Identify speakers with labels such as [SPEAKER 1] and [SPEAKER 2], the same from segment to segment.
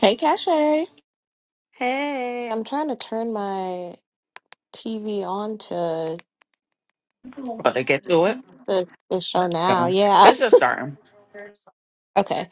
[SPEAKER 1] Hey, Cache.
[SPEAKER 2] Hey, I'm trying to turn my TV on to
[SPEAKER 1] About to get to it.
[SPEAKER 2] the, the show now.
[SPEAKER 1] Yeah.
[SPEAKER 2] Yeah.
[SPEAKER 1] It's just starting.
[SPEAKER 2] Okay.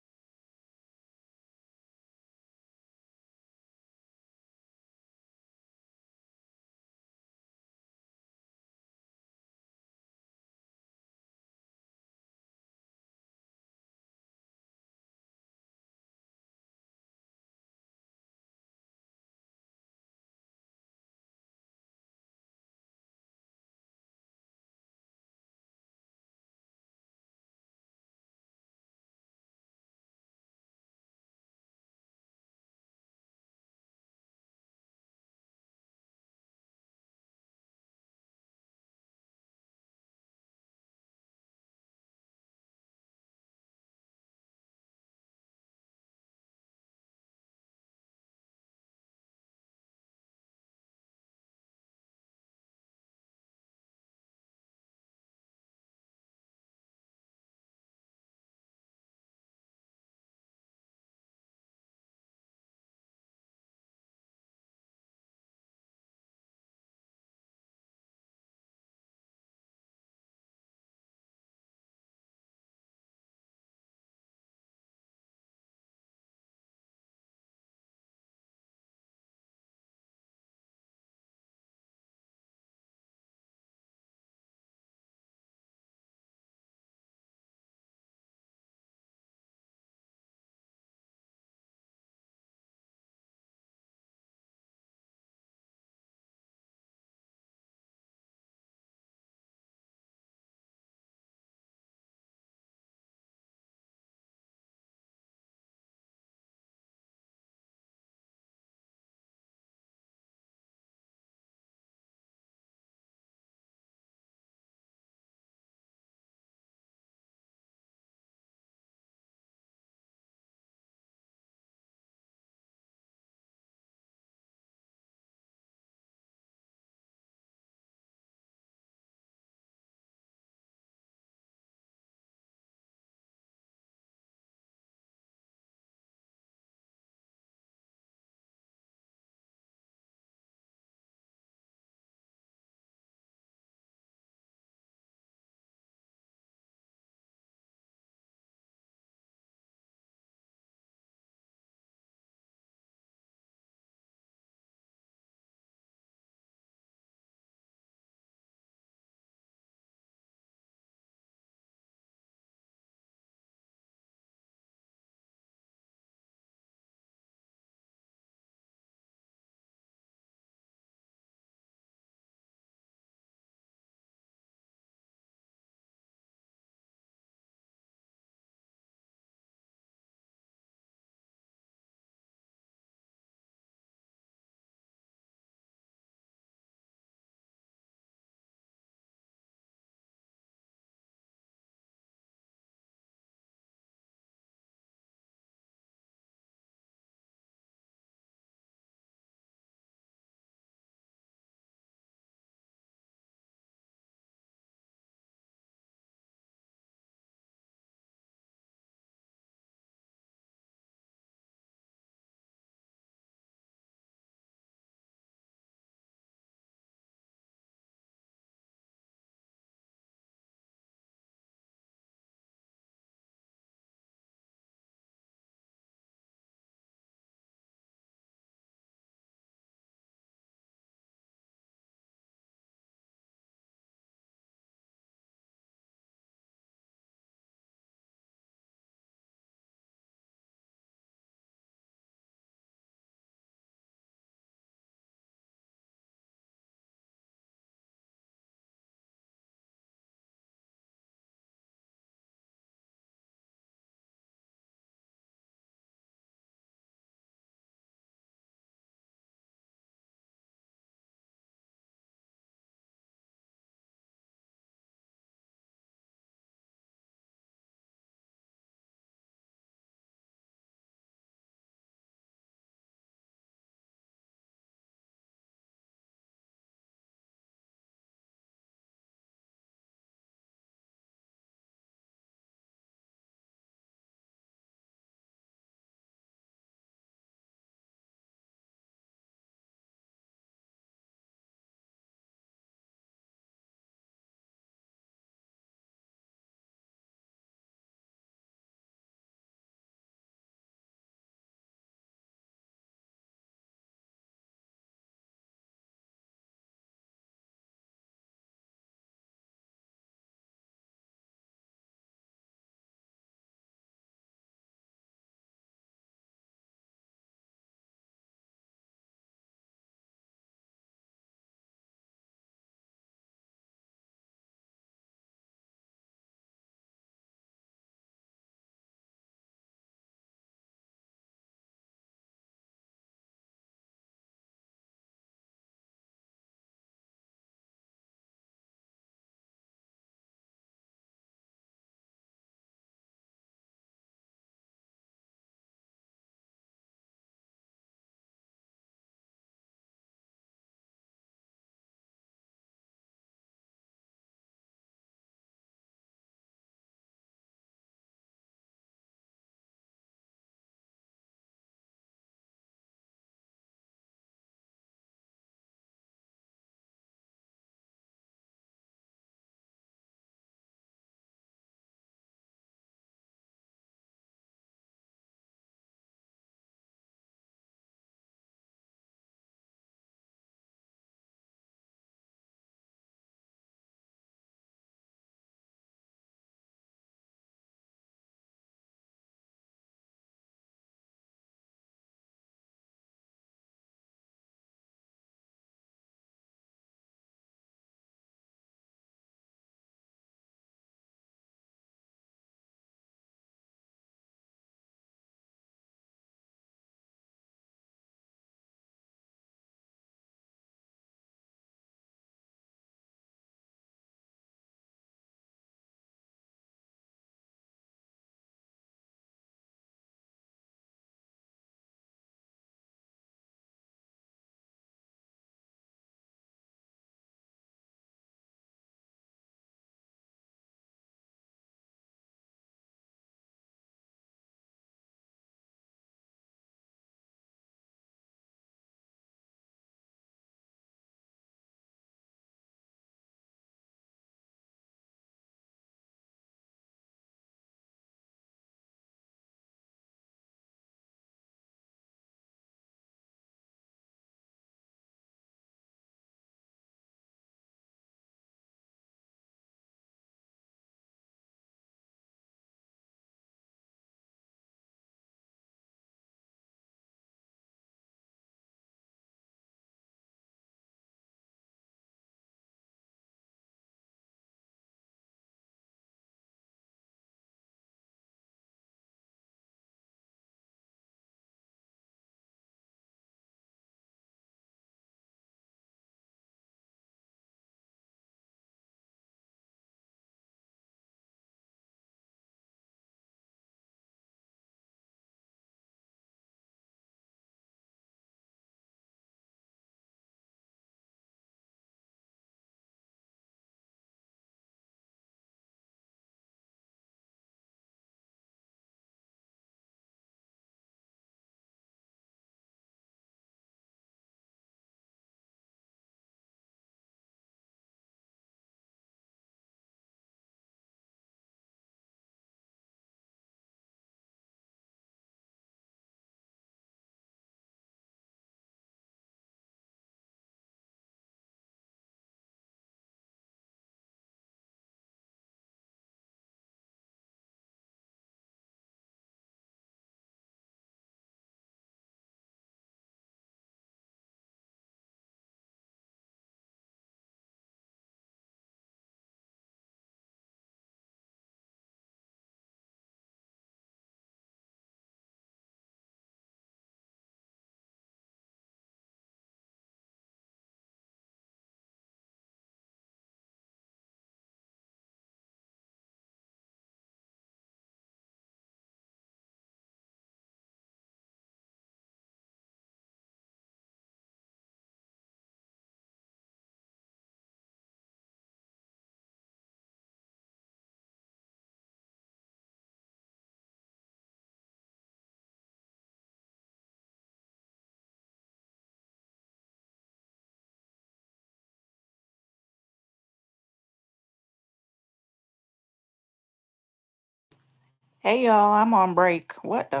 [SPEAKER 1] Hey y'all, I'm on break. What the?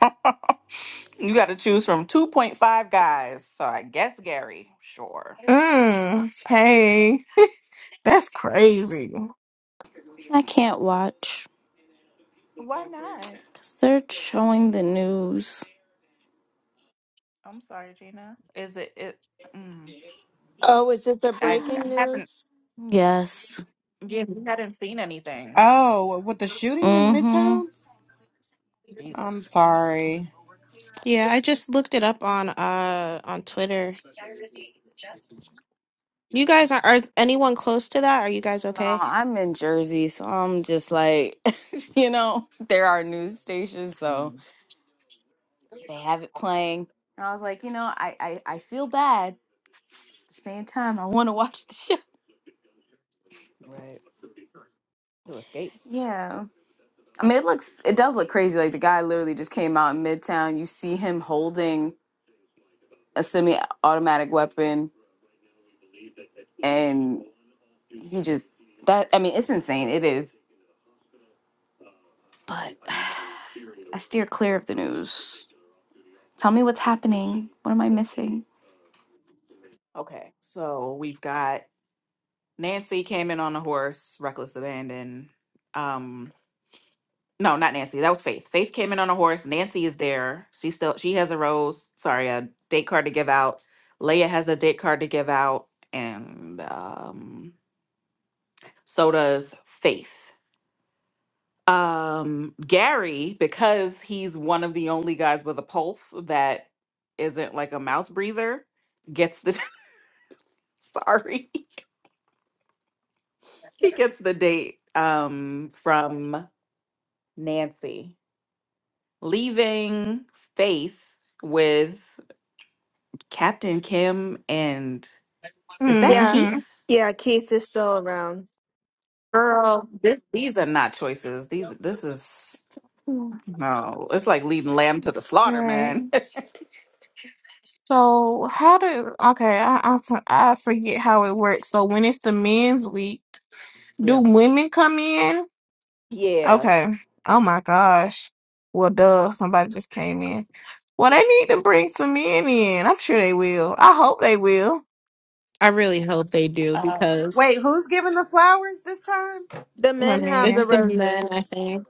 [SPEAKER 1] F- you got to choose from 2.5 guys. So I guess Gary. Sure.
[SPEAKER 3] Mm, hey, that's crazy.
[SPEAKER 4] I can't watch
[SPEAKER 1] Why not?
[SPEAKER 4] because they're showing the news.
[SPEAKER 1] I'm sorry, Gina. Is it? It. Mm,
[SPEAKER 5] Oh, is it the
[SPEAKER 1] I I
[SPEAKER 5] breaking
[SPEAKER 1] haven't.
[SPEAKER 5] news?
[SPEAKER 4] Yes.
[SPEAKER 1] Yeah, we hadn't seen anything.
[SPEAKER 6] Oh, with the shooting in
[SPEAKER 4] Mm-hmm.
[SPEAKER 6] Midtown? I'm
[SPEAKER 1] Jesus.
[SPEAKER 6] sorry.
[SPEAKER 2] Yeah, I just looked it up on uh on Twitter. You guys are, are anyone close to that? Are you guys
[SPEAKER 4] No,
[SPEAKER 2] okay?
[SPEAKER 4] I'm in Jersey, so I'm just like, you know, there are news stations, so
[SPEAKER 1] Mm,
[SPEAKER 4] they have it playing. And I was like, you know, I I, I feel bad. At the same time, I want to watch the show.
[SPEAKER 1] right. To escape.
[SPEAKER 4] Yeah. I mean, it looks, it does look crazy. Like the guy literally just came out in Midtown. You see him holding a semi-automatic weapon, and he just that. I mean, it's insane. It is. But. I steer clear of the news. Tell me what's happening. What am I missing?
[SPEAKER 1] Okay. So we've got Nancy came in on a horse, reckless abandon. Um, No, not Nancy. That was Faith. Faith came in on a horse. Nancy is there. She still she has a rose. Sorry, a date card to give out. Leia has a date card to give out, and um, so does Faith. Um, Gary, because he's one of the only guys with a pulse that isn't like a mouth breather, gets the sorry he gets the date um from Nancy, leaving Faith with. Captain Kim and is that
[SPEAKER 5] Yeah.
[SPEAKER 3] Mm-hmm.
[SPEAKER 1] Keith?
[SPEAKER 5] Yeah, Keith is still around.
[SPEAKER 1] Girl, this, these are not choices. These this is
[SPEAKER 5] Hmm.
[SPEAKER 1] no. It's like leading lamb to the slaughter,
[SPEAKER 3] Right.
[SPEAKER 1] man.
[SPEAKER 3] So how did okay, I, I f- I forget how it works. So when it's the men's week, do
[SPEAKER 1] yeah.
[SPEAKER 3] women come in?
[SPEAKER 1] Yeah.
[SPEAKER 3] Okay. Oh my gosh. Well, duh, somebody just came in. Well, they need to bring some men in. I'm sure they will. I hope they will.
[SPEAKER 2] I really hope they do
[SPEAKER 1] Um,
[SPEAKER 6] Wait,
[SPEAKER 2] because
[SPEAKER 6] who's giving the flowers this time?
[SPEAKER 5] The men
[SPEAKER 3] But
[SPEAKER 5] have
[SPEAKER 2] it's
[SPEAKER 5] the
[SPEAKER 3] man,
[SPEAKER 2] the men, I
[SPEAKER 5] roses.
[SPEAKER 2] think.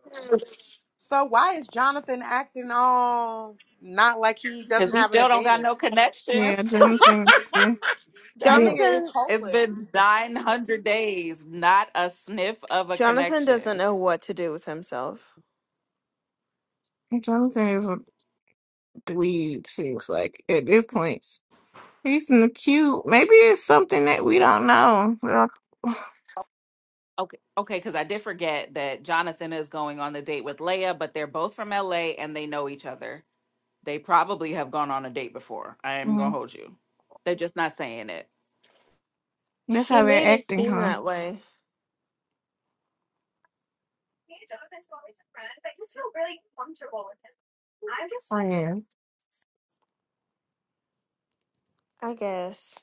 [SPEAKER 6] So why is Jonathan acting all not like he
[SPEAKER 1] Cause
[SPEAKER 6] doesn't
[SPEAKER 1] he
[SPEAKER 6] have an
[SPEAKER 1] still don't got
[SPEAKER 6] advantage?
[SPEAKER 1] no
[SPEAKER 3] yeah,
[SPEAKER 1] connections.
[SPEAKER 3] Jonathan's too.
[SPEAKER 6] That
[SPEAKER 3] Yeah,
[SPEAKER 6] nigga is
[SPEAKER 5] Jonathan
[SPEAKER 1] It's
[SPEAKER 6] hopeless.
[SPEAKER 1] been nine hundred days, not a sniff of a
[SPEAKER 5] Jonathan doesn't
[SPEAKER 1] connection.
[SPEAKER 5] know what to do with himself.
[SPEAKER 3] Jonathan is a dweeb, seems like at this point. He's in the cute. Maybe it's something that we don't know. We don't-
[SPEAKER 1] Okay, okay, because I did forget that Jonathan is going on the date with Leia, but they're both from LA and they know each other. They probably have gone on a date before. I am gonna
[SPEAKER 3] Mhm.
[SPEAKER 1] hold you. They're just not saying it.
[SPEAKER 3] That's
[SPEAKER 5] She
[SPEAKER 3] how they're
[SPEAKER 5] made it
[SPEAKER 3] acting,
[SPEAKER 5] seem
[SPEAKER 3] huh?
[SPEAKER 5] that way,
[SPEAKER 3] I'm just Friends.
[SPEAKER 5] I guess.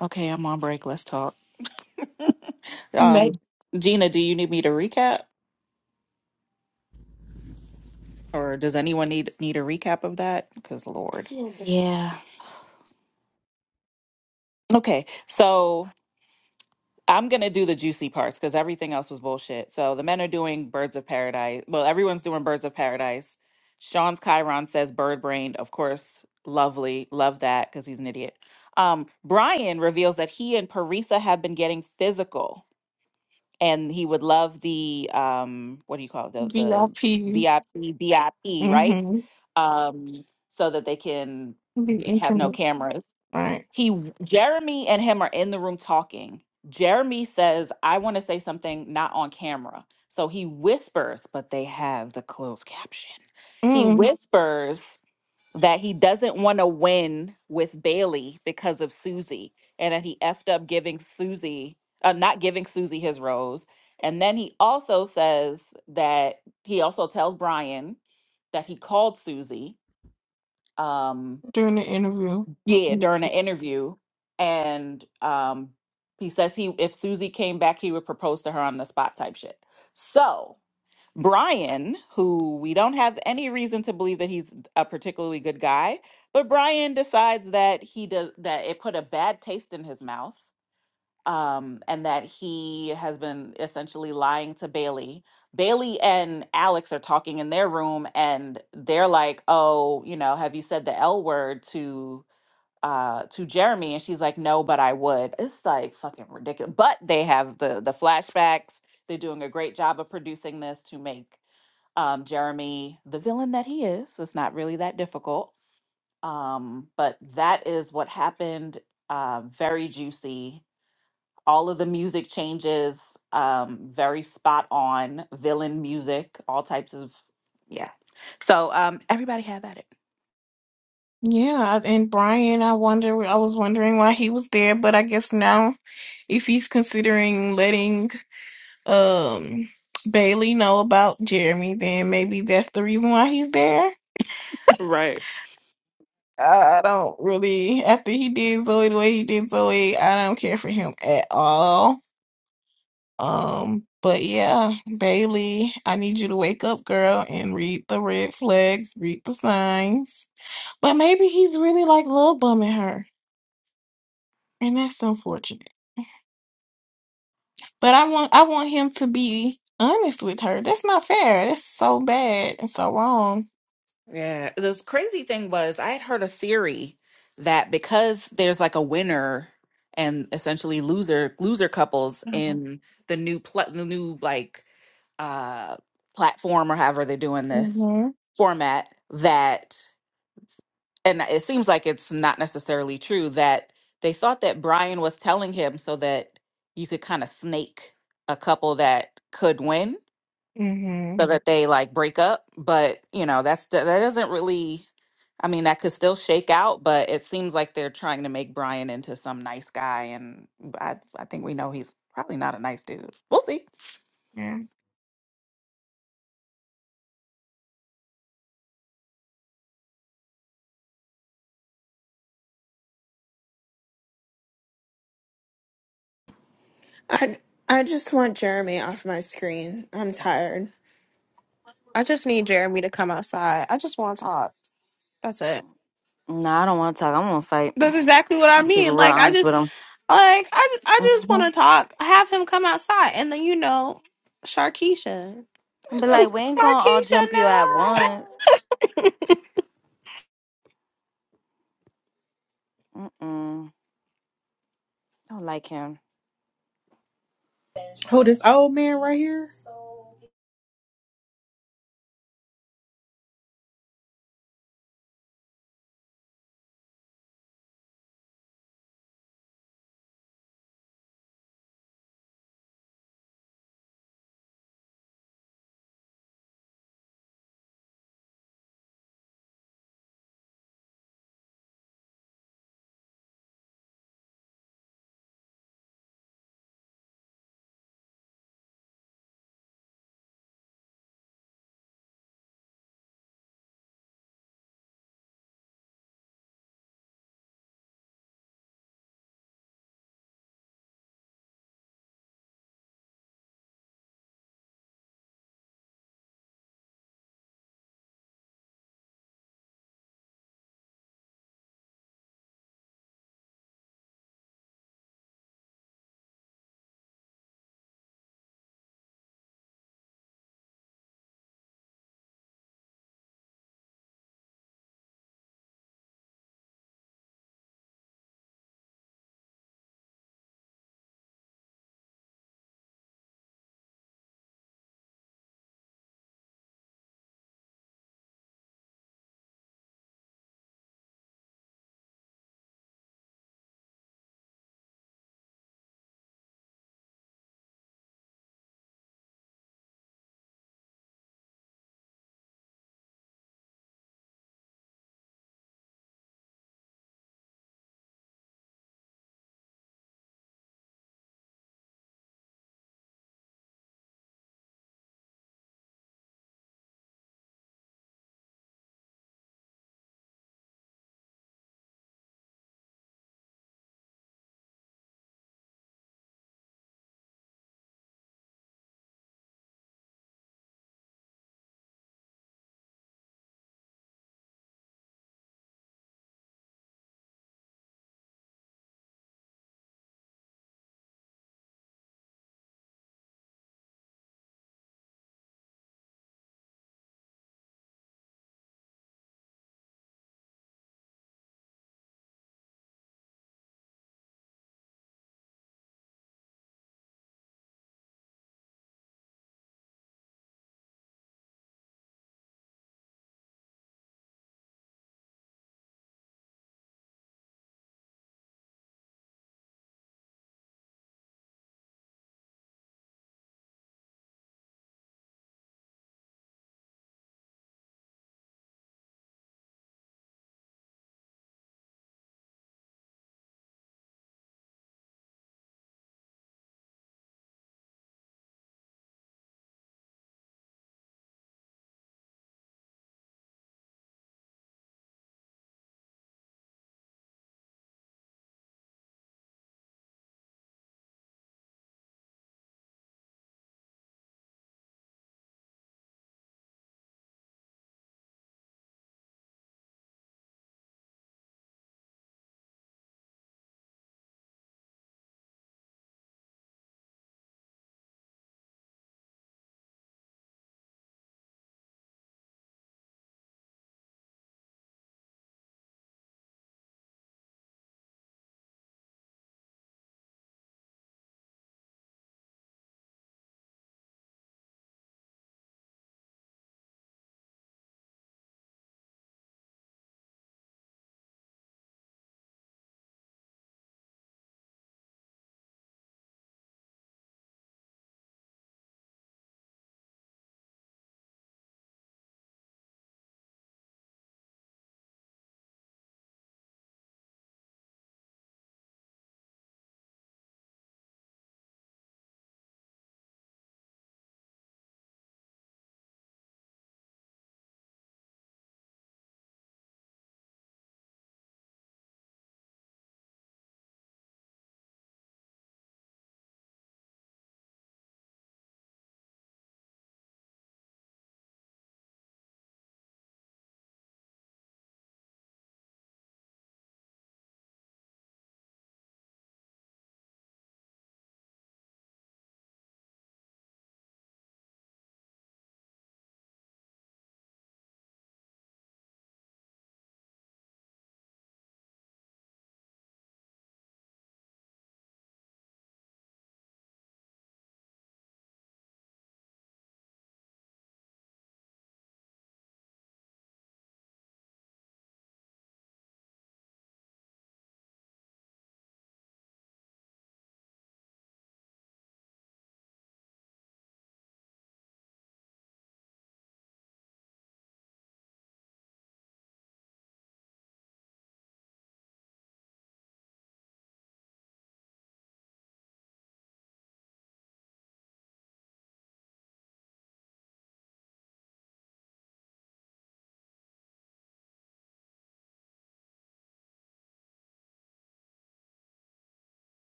[SPEAKER 1] Okay, I'm on break. Let's talk. Um,
[SPEAKER 3] Make
[SPEAKER 1] Gina, do you need me to recap, or does anyone need need a recap of that? Because Lord.
[SPEAKER 4] Yeah.
[SPEAKER 1] Okay, so I'm gonna do the juicy parts because everything else was bullshit. So the men are doing Birds of Paradise. Well, everyone's doing Birds of Paradise. Sean's Chiron says bird brained. Of course, lovely. Love that because he's an idiot. Um, Brian reveals that he and Parisa have been getting physical and he would love the um what do you call it the the
[SPEAKER 3] VIP.
[SPEAKER 1] VIP VIP rights,
[SPEAKER 3] Mm-hmm.
[SPEAKER 1] um so that they can
[SPEAKER 3] Be
[SPEAKER 1] be, have no
[SPEAKER 3] intimate.
[SPEAKER 1] cameras
[SPEAKER 3] Right.
[SPEAKER 1] he w- Jeremy and him are in the room talking Jeremy says I want to say something not on camera so he whispers but they have the closed caption he
[SPEAKER 3] Mm-mm.
[SPEAKER 1] whispers that he doesn't want to win with Bailey because of Susie, and that he effed up giving Susie, uh, not giving Susie his rose. And then he also says that he also tells Brian that he called Susie, um,
[SPEAKER 3] During the interview.
[SPEAKER 1] yeah, during an interview, and um, he says he if Susie came back, he would propose to her on the spot type shit. So Brian, who we don't have any reason to believe that he's a particularly good guy, but Brian decides that he does that it put a bad taste in his mouth, um, and that he has been essentially lying to Bailey. Bailey and Alex are talking in their room, and they're like, "Oh, you know, have you said the L word to uh to Jeremy?" And she's like, "No, but I would." It's like fucking ridiculous. But they have the the flashbacks. They're doing a great job of producing this to make um, Jeremy, the villain that he is, it's not really that difficult. Um, but that is what happened. Uh, very juicy. All of the music changes, um, very spot on. Villain music, all types of, yeah. So um, everybody have at it.
[SPEAKER 3] Yeah, I- and Brian, I wonder. I was wondering why he was there, but I guess now, if he's considering letting um Bailey know about Jeremy, then maybe that's the reason why he's there.
[SPEAKER 1] Right.
[SPEAKER 3] I, don't really after he did Zoe the way he did Zoe, I don't care for him at all. Um, but yeah, Bailey, I need you to wake up, girl, and read the red flags, read the signs. But maybe he's really like love bombing her, and that's unfortunate. But I want I want him to be honest with her. That's not fair. That's so bad and so wrong.
[SPEAKER 1] Yeah. The crazy thing was, I had heard a theory that because there's like a winner and essentially loser loser couples in the new pl- the new like uh platform or however they're doing this
[SPEAKER 3] Mhm.
[SPEAKER 1] format that and it seems like it's not necessarily true that they thought that Brian was telling him so that you could kind of snake a couple that could win so
[SPEAKER 3] Mhm.
[SPEAKER 1] that they like break up. But you know, that's that doesn't really. I mean, that could still shake out, but it seems like they're trying to make Brian into some nice guy, and I I think we know he's probably not a nice dude. We'll see.
[SPEAKER 3] Yeah.
[SPEAKER 5] I I just want Jeremy off my screen. I'm tired.
[SPEAKER 2] I just need Jeremy to come outside. I just want to talk. That's it.
[SPEAKER 4] No, I don't want to talk. I'm gonna fight.
[SPEAKER 2] That's exactly what I
[SPEAKER 4] Keep it
[SPEAKER 2] mean.
[SPEAKER 4] real
[SPEAKER 2] Like I
[SPEAKER 4] honest
[SPEAKER 2] just
[SPEAKER 4] with him.
[SPEAKER 2] like I just, I just want to
[SPEAKER 4] Mm-hmm.
[SPEAKER 2] talk. Have him come outside and then you know, Sharkeisha.
[SPEAKER 4] But like, we ain't gonna all
[SPEAKER 1] Markeisha,
[SPEAKER 4] jump you at once.
[SPEAKER 1] no.
[SPEAKER 4] Mm-mm. Don't like him.
[SPEAKER 6] Who this old man right here?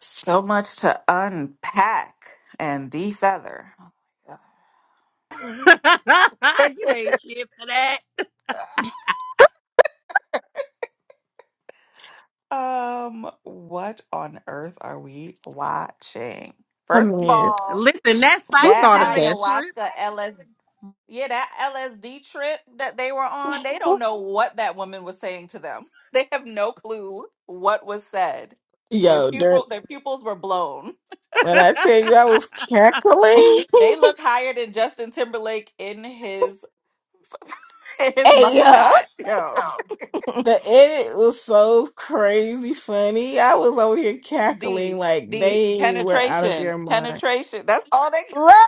[SPEAKER 1] So much to unpack and defeather. Oh my
[SPEAKER 6] you ain't shit for that.
[SPEAKER 1] God. Um, what on earth are we watching?
[SPEAKER 3] A
[SPEAKER 1] First of
[SPEAKER 3] mess.
[SPEAKER 1] all,
[SPEAKER 6] Listen, that
[SPEAKER 2] Who
[SPEAKER 1] that
[SPEAKER 2] thought of
[SPEAKER 6] psychedelic
[SPEAKER 2] this?
[SPEAKER 6] trip.
[SPEAKER 1] ayahuasca LS yeah, that LSD trip that they were on, they don't know what that woman was saying to them. They have no clue what was said. Their
[SPEAKER 3] Yo, during
[SPEAKER 1] pupil their pupils were blown.
[SPEAKER 3] when I tell you I was cackling.
[SPEAKER 1] They look higher than Justin Timberlake in his in his
[SPEAKER 2] hey yo,
[SPEAKER 1] mugshot. Yo.
[SPEAKER 3] The edit was so crazy funny. I was over here cackling
[SPEAKER 1] the
[SPEAKER 3] like
[SPEAKER 1] the
[SPEAKER 3] they were out of
[SPEAKER 1] penetration
[SPEAKER 3] their mind.
[SPEAKER 1] penetration that's all they
[SPEAKER 3] Right,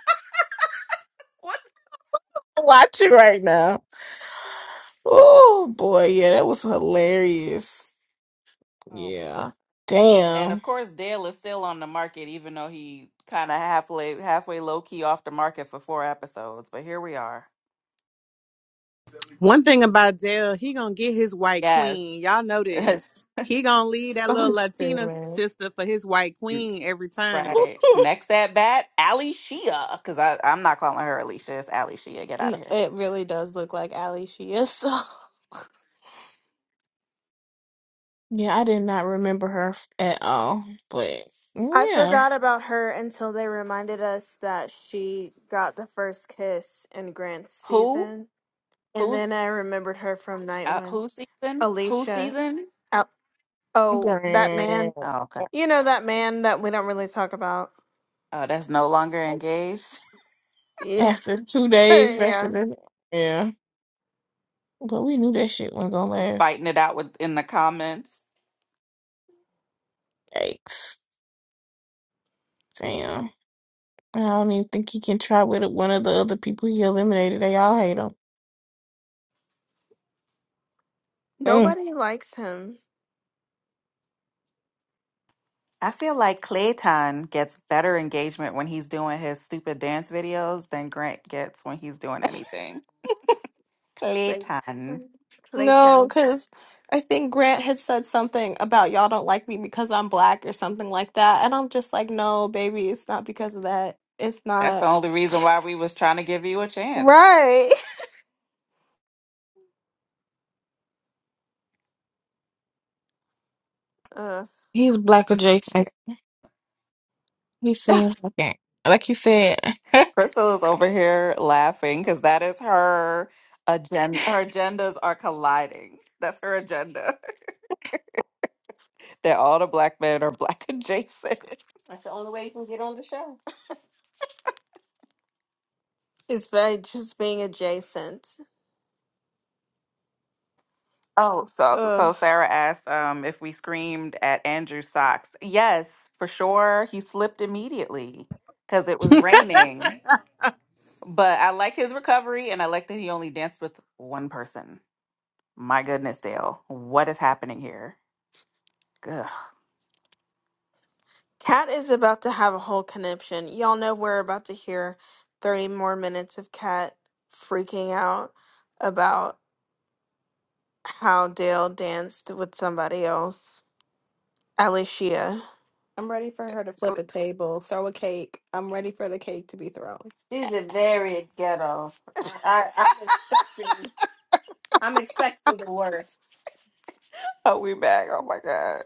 [SPEAKER 1] what
[SPEAKER 3] Watch it right now. Oh boy, yeah, that was hilarious.
[SPEAKER 1] oh.
[SPEAKER 3] Yeah.
[SPEAKER 1] and of
[SPEAKER 3] Damn.
[SPEAKER 1] course dale is still on the market even though he kind of halfway halfway low-key off the market for four episodes but here we are
[SPEAKER 6] One thing about Dale, he gonna get his white queen.
[SPEAKER 1] yes
[SPEAKER 6] Y'all know this.
[SPEAKER 1] yes
[SPEAKER 6] He gonna leave that little
[SPEAKER 2] I'm
[SPEAKER 6] Latina
[SPEAKER 2] screaming.
[SPEAKER 6] sister for his white queen every time.
[SPEAKER 1] Right. Next at bat, Ali Shia, because I I'm not calling her Alicia. It's Ali Shea. Get out
[SPEAKER 2] No,
[SPEAKER 1] of here.
[SPEAKER 2] it really does look like Ali she is. So.
[SPEAKER 3] Yeah, I did not remember her f- at all. But
[SPEAKER 5] I
[SPEAKER 3] yeah.
[SPEAKER 5] forgot about her until they reminded us that she got the first kiss in Grant's
[SPEAKER 1] Who?
[SPEAKER 5] season. And then
[SPEAKER 1] Who's
[SPEAKER 5] I remembered her from night
[SPEAKER 1] uh,
[SPEAKER 5] one.
[SPEAKER 1] who season? Who
[SPEAKER 5] Alicia.
[SPEAKER 1] season?
[SPEAKER 5] Oh, that man.
[SPEAKER 3] Girl.
[SPEAKER 1] Oh, okay.
[SPEAKER 5] You know that man that we don't really talk about.
[SPEAKER 1] Oh, that's no longer engaged.
[SPEAKER 5] Yeah.
[SPEAKER 3] After two days after
[SPEAKER 5] yeah.
[SPEAKER 3] the yeah. But we knew that shit wasn't gonna last.
[SPEAKER 1] Fighting it out with in the comments.
[SPEAKER 3] Yikes. Damn. I don't even think he can try with it. One of the other people he eliminated, they all hate him. Mm.
[SPEAKER 5] Nobody likes him.
[SPEAKER 1] I feel like Clayton gets better engagement when he's doing his stupid dance videos than Grant gets when he's doing anything. Clayton.
[SPEAKER 5] Clayton.
[SPEAKER 2] No,
[SPEAKER 5] Clayton.
[SPEAKER 2] because I think Grant had said something about y'all don't like me because I'm black or something like that. And I'm just like, no, baby, it's not because of that. It's
[SPEAKER 1] That's the
[SPEAKER 2] not.
[SPEAKER 1] only reason why we was trying to give you a chance.
[SPEAKER 2] Right.
[SPEAKER 5] Ugh.
[SPEAKER 3] He's black adjacent. He seems like Like you said.
[SPEAKER 1] Crystal is over here laughing because that is her agenda. Her agendas are colliding. That's her agenda. that all the black men are black adjacent.
[SPEAKER 5] it's by just being adjacent.
[SPEAKER 1] Oh, so so
[SPEAKER 5] Ugh.
[SPEAKER 1] Sarah asked um, if we screamed at Andrew's socks. Yes, for sure. He slipped immediately because it was raining. But I like his recovery, and I like that he only danced with one person. My goodness, Dale, what is happening here? Ugh.
[SPEAKER 5] Cat is about to have a whole conniption. Y'all know we're about to hear 30 more minutes of Cat freaking out about how Dale danced with somebody else. Alicia.
[SPEAKER 2] I'm ready for her to
[SPEAKER 1] Oh,
[SPEAKER 2] flip a table, throw a cake. I'm ready for the cake to be thrown.
[SPEAKER 1] She's a very ghetto. I, I- I'm expecting. I'm expecting the worst. Oh, we back. Oh my god.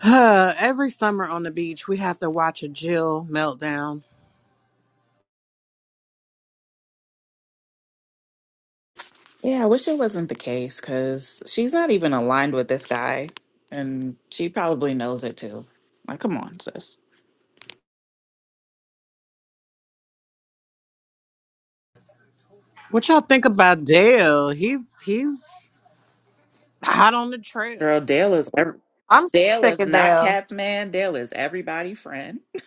[SPEAKER 6] Huh, Every summer on the beach, we have to watch a Jill meltdown.
[SPEAKER 1] Yeah, I wish it wasn't the case because she's not even aligned with this guy, and she probably knows it too. Like, come on, sis.
[SPEAKER 6] What y'all think about Dale? He's he's hot on the trail.
[SPEAKER 1] Girl, Dale is ev-
[SPEAKER 2] I'm
[SPEAKER 1] Dale
[SPEAKER 2] sick
[SPEAKER 1] is
[SPEAKER 2] of
[SPEAKER 1] not
[SPEAKER 2] Dale.
[SPEAKER 1] Cat's man. Dale is everybody friend.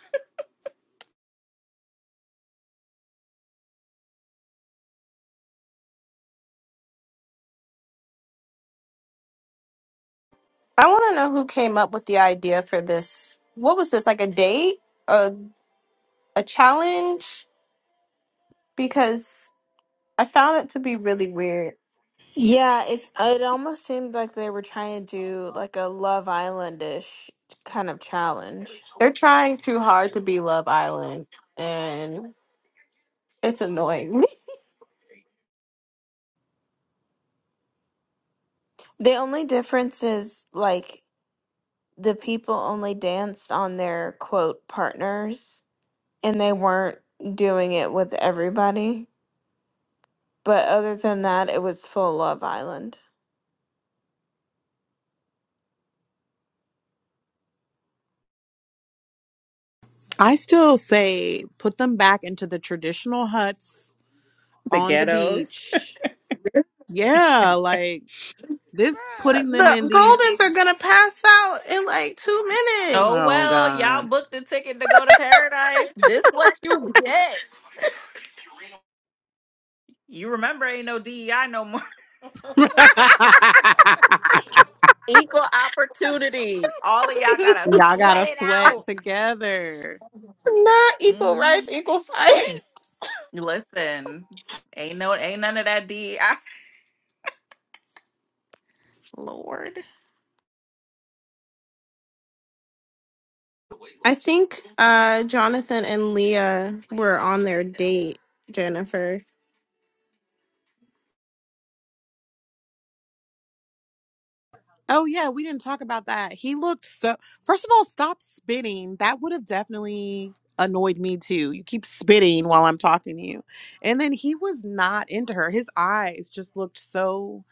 [SPEAKER 2] I want to know who came up with the idea for this. What was this like a date, a a challenge? Because I found it to be really weird.
[SPEAKER 5] Yeah, it's it almost seems like they were trying to do like a Love Island-ish kind of challenge.
[SPEAKER 2] They're trying too hard to be Love Island, and it's annoying.
[SPEAKER 5] The only difference is like the people only danced on their quote partners and they weren't doing it with everybody. But other than that, it was full Love Island.
[SPEAKER 6] I still say put them back into the traditional huts
[SPEAKER 1] The
[SPEAKER 6] on the
[SPEAKER 1] ghettos.
[SPEAKER 6] beach. Yeah, like this
[SPEAKER 2] Bruh,
[SPEAKER 6] putting them
[SPEAKER 2] the
[SPEAKER 6] in these
[SPEAKER 2] Goldens are gonna pass out in like two
[SPEAKER 1] Oh
[SPEAKER 2] minutes.
[SPEAKER 6] oh
[SPEAKER 1] well, y'all
[SPEAKER 6] god.
[SPEAKER 1] booked the ticket to go to paradise. This what you get. You remember ain't no DEI no more. Equal opportunity. All of y'all gotta
[SPEAKER 6] y'all gotta
[SPEAKER 1] sweat it
[SPEAKER 6] sweat
[SPEAKER 1] out.
[SPEAKER 6] together.
[SPEAKER 2] Not equal rights,
[SPEAKER 1] Mhm.
[SPEAKER 2] equal fight.
[SPEAKER 1] Listen, ain't no, ain't none of that D. I, Lord,
[SPEAKER 2] I think uh, Jonathan and Leah were on their date, Jennifer.
[SPEAKER 6] Oh yeah, we didn't talk about that. He looked so First of all, stop spitting. That would have definitely annoyed me too. You keep spitting while I'm talking to you. And then he was not into her. His eyes just looked so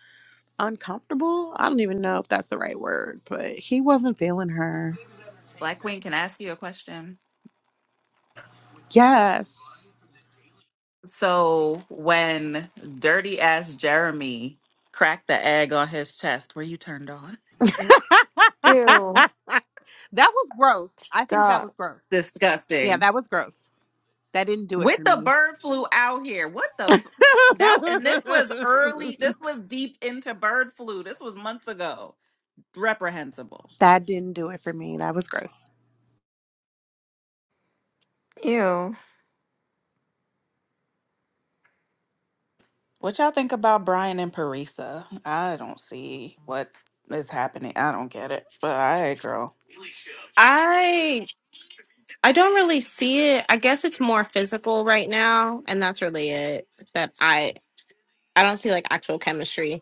[SPEAKER 6] uncomfortable. I don't even know if that's the right word, but he wasn't feeling her.
[SPEAKER 1] Black Queen can I ask you a question.
[SPEAKER 6] Yes.
[SPEAKER 1] So when dirty ass Jeremy cracked the egg on his chest, were you turned on?
[SPEAKER 6] that
[SPEAKER 5] Ew.
[SPEAKER 6] was gross. I think that was
[SPEAKER 5] Stop.
[SPEAKER 6] gross. Yeah,
[SPEAKER 1] Disgusting.
[SPEAKER 6] that was gross. That didn't do it
[SPEAKER 1] With
[SPEAKER 6] for
[SPEAKER 1] the
[SPEAKER 6] me.
[SPEAKER 1] bird flu out here, what the f- that? And this was early. This was deep into bird flu. This was months ago. Reprehensible.
[SPEAKER 6] That didn't do it for me. That was gross.
[SPEAKER 5] Ew.
[SPEAKER 1] What y'all think about Brian and Parisa? I don't see what is happening. I don't get it. But I girl.
[SPEAKER 2] I I don't really see it. I guess it's more physical right now, and that's really it. That I I don't see like actual chemistry.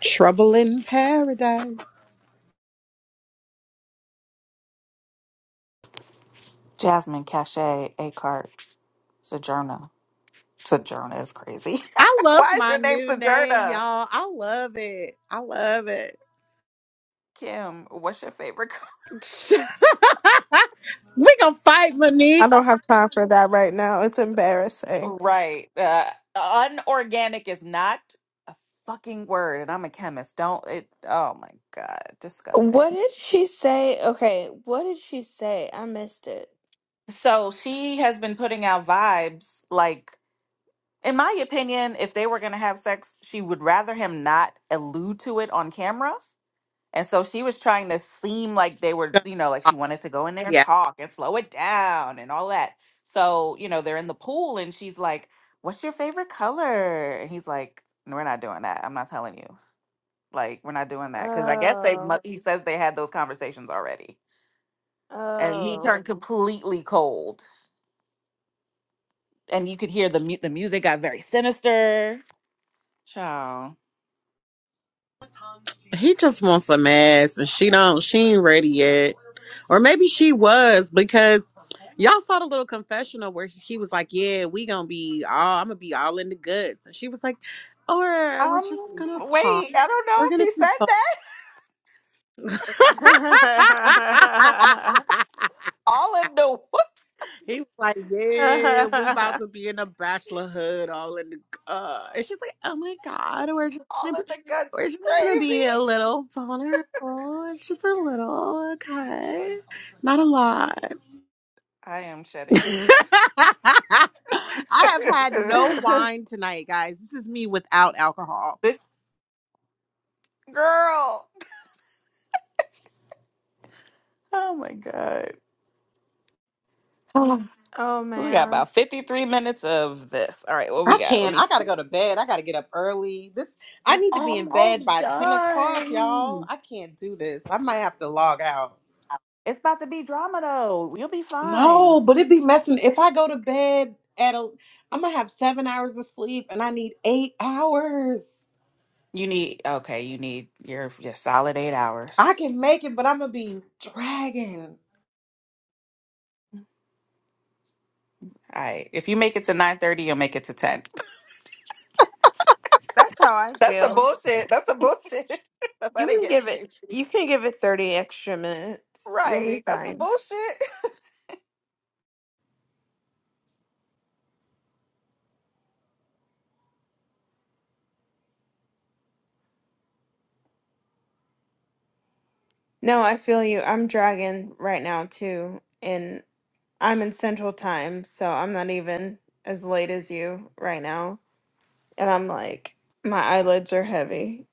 [SPEAKER 6] Trouble in paradise.
[SPEAKER 1] Jasmine Cachet Acart Sojourner. Sojourner is crazy.
[SPEAKER 6] I love
[SPEAKER 1] Why is
[SPEAKER 6] my
[SPEAKER 1] your name
[SPEAKER 6] new name,
[SPEAKER 1] Sojourner?
[SPEAKER 6] y'all. I love it. I love it.
[SPEAKER 1] Kim, what's your favorite?
[SPEAKER 6] we gonna fight Monique.
[SPEAKER 2] I don't have time for that right now. It's embarrassing.
[SPEAKER 1] co- right. Uh, unorganic is not a fucking word, and I'm a chemist. Don't it? Oh my God.
[SPEAKER 5] What
[SPEAKER 1] Disgusting.
[SPEAKER 5] did she say? Okay, what did she say? I missed it.
[SPEAKER 1] So she has been putting out vibes like. In my opinion, if they were going to have sex, she would rather him not allude to it on camera And so she was trying to seem like they were, you know, like she wanted to go in there and
[SPEAKER 6] Yeah.
[SPEAKER 1] talk and slow it down and all that. So, you know, they're in the pool and she's like, What's your favorite color? And he's like, "No, We're not doing that. I'm not telling you. Like, we're not doing that. Cause I guess they, mu-
[SPEAKER 5] Oh.
[SPEAKER 1] he says they had those conversations already. And he
[SPEAKER 5] Oh.
[SPEAKER 1] turned completely cold. And you could hear the, mu- the music got very sinister. Child.
[SPEAKER 6] He just wants some ass and she don't she ain't ready yet. Or maybe she was because y'all saw the little confessional where he was like, Yeah, we gonna be all I'm gonna be all in the goods. And she was like, Or we're just
[SPEAKER 1] Um,
[SPEAKER 6] gonna talk.
[SPEAKER 1] wait, I don't know
[SPEAKER 6] We're
[SPEAKER 1] if
[SPEAKER 6] gonna
[SPEAKER 1] he
[SPEAKER 6] be
[SPEAKER 1] said that.
[SPEAKER 5] oh
[SPEAKER 1] All in the
[SPEAKER 6] he was like, "Yeah, we about to be in a bachelor hood, all in the." Uh. And she's like, "Oh my god, we're just gonna
[SPEAKER 1] all in
[SPEAKER 6] be,
[SPEAKER 1] the guts
[SPEAKER 6] we're just gonna be
[SPEAKER 1] crazy.
[SPEAKER 6] a little vulnerable. It's just a little, okay, not a lot."
[SPEAKER 1] I am shedding tears.
[SPEAKER 6] I have had no wine tonight, guys. This is me without alcohol.
[SPEAKER 1] this girl. Oh my god. Oh, We got
[SPEAKER 5] man,
[SPEAKER 1] about 53 minutes of this. All right, what we
[SPEAKER 6] I
[SPEAKER 1] got? Let
[SPEAKER 6] can't.
[SPEAKER 1] me
[SPEAKER 6] I
[SPEAKER 1] see.
[SPEAKER 6] gotta go to bed. I gotta get up early. This I
[SPEAKER 1] It's
[SPEAKER 6] need to be in bed
[SPEAKER 1] almost
[SPEAKER 6] by ten o'clock, y'all.
[SPEAKER 1] done.
[SPEAKER 6] I can't do this. I might have to log out.
[SPEAKER 1] It's about to be drama though. You'll be fine.
[SPEAKER 6] No, but it'd be messing. If I go to bed at a, I'm gonna have seven hours of sleep, and I need eight hours.
[SPEAKER 1] You need okay, you need your your solid eight
[SPEAKER 6] I
[SPEAKER 1] hours.
[SPEAKER 6] can make it, but I'm gonna be dragging.
[SPEAKER 1] All right. If you make it to nine thirty, you'll make it to 10.
[SPEAKER 5] that's how I
[SPEAKER 1] That's the
[SPEAKER 5] feel.
[SPEAKER 1] bullshit. That's the bullshit. That's how
[SPEAKER 5] You
[SPEAKER 1] they
[SPEAKER 5] can
[SPEAKER 1] get
[SPEAKER 5] give it.
[SPEAKER 1] you.
[SPEAKER 5] You can give it thirty extra minutes. You'll be
[SPEAKER 1] Right. That's the
[SPEAKER 5] fine.
[SPEAKER 1] bullshit.
[SPEAKER 5] No, I feel you. I'm dragging right now too, and I'm in Central Time, so I'm not even as late as you right now. And I'm like, my eyelids are heavy.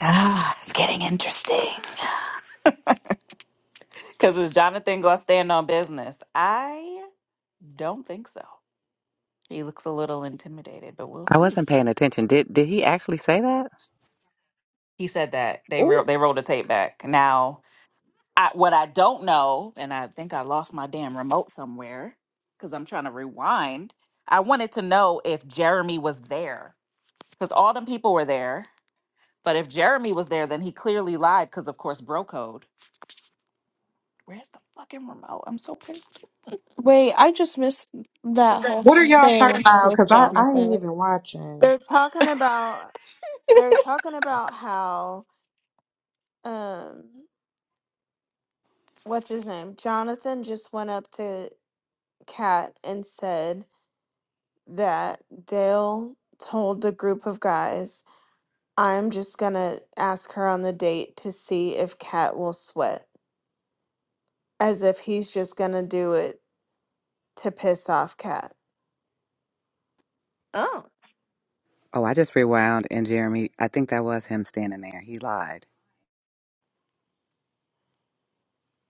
[SPEAKER 1] Ah, it's getting interesting. Because is Jonathan going to stand on business? I don't think so. He looks a little intimidated, but we'll
[SPEAKER 7] I
[SPEAKER 1] see.
[SPEAKER 7] wasn't paying attention. Did did he actually say that?
[SPEAKER 1] He said that they
[SPEAKER 7] Oh,
[SPEAKER 1] ro- they rolled the tape back. Now, I, what I don't know, and I think I lost my damn remote somewhere because I'm trying to rewind. I wanted to know if Jeremy was there because all them people were there. But if Jeremy was there, then he clearly lied because, of course, bro code. Where's the fucking remote? I'm so pissed.
[SPEAKER 2] Wait, I just missed that whole
[SPEAKER 6] What are y'all talking
[SPEAKER 2] thing
[SPEAKER 6] about?
[SPEAKER 2] with
[SPEAKER 6] Cause I I ain't
[SPEAKER 2] Jonathan.
[SPEAKER 6] even watching.
[SPEAKER 5] They're talking about. They're talking about how. Um. what's his name? Jonathan just went up to Kat and said that Dale told the group of guys, I'm just gonna ask her on the date to see if Kat will sweat. As if he's just gonna do it to piss off Kat.
[SPEAKER 2] Oh.
[SPEAKER 7] Oh, I just rewound, and Jeremy, I think that was him standing there. He lied.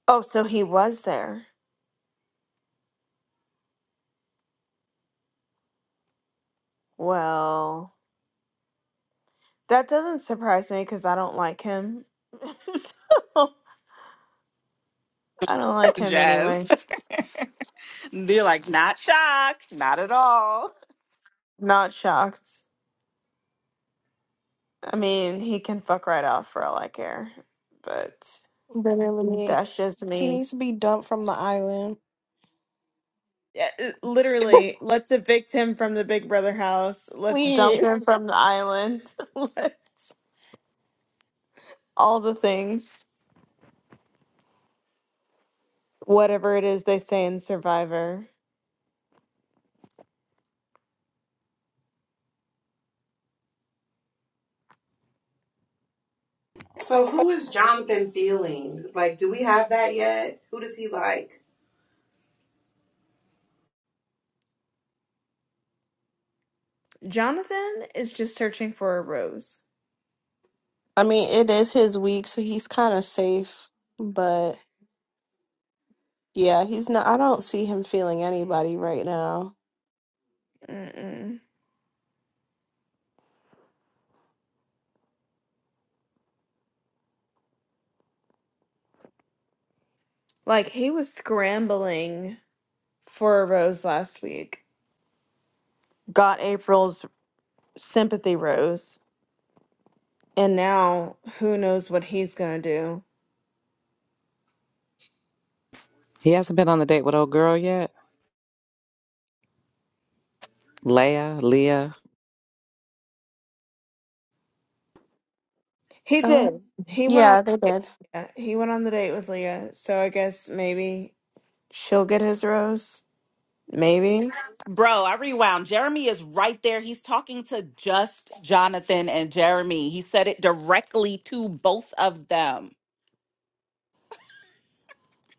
[SPEAKER 5] Oh, so he was there. Well, that doesn't surprise me because I don't like him. so, I don't like him
[SPEAKER 1] Jazz.
[SPEAKER 5] anyway.
[SPEAKER 1] They're like, not shocked, not at all.
[SPEAKER 5] Not shocked. I mean, he can fuck right off for all I care, but
[SPEAKER 2] Literally,
[SPEAKER 5] that's just
[SPEAKER 2] he
[SPEAKER 5] me.
[SPEAKER 2] needs to be dumped from the island.
[SPEAKER 5] Yeah, it- Literally, let's evict him from the Big Brother house. Let's dump him
[SPEAKER 2] Please.
[SPEAKER 5] from the island. Let's all the things, whatever it is they say in Survivor.
[SPEAKER 6] So who is Jonathan feeling? Like, do we have that yet? Who does he like?
[SPEAKER 5] Jonathan is just searching for a rose.
[SPEAKER 2] I mean, it is his week, so he's kind of safe. But yeah, he's not. I don't see him feeling anybody right now.
[SPEAKER 5] Mm-mm. Like he was scrambling for a rose last week. Got April's sympathy rose, and now who knows what he's gonna do.
[SPEAKER 7] He hasn't been on the date with old girl yet? Leah, Leah.
[SPEAKER 5] He
[SPEAKER 2] Uh,
[SPEAKER 5] did. He went on.
[SPEAKER 2] yeah, they did.
[SPEAKER 5] Yeah, he went on the date with Leah. So I guess maybe she'll get his rose. Maybe.
[SPEAKER 1] Bro, I rewound. Jeremy is right there. He's talking to just Jonathan and Jeremy. He said it directly to both of them.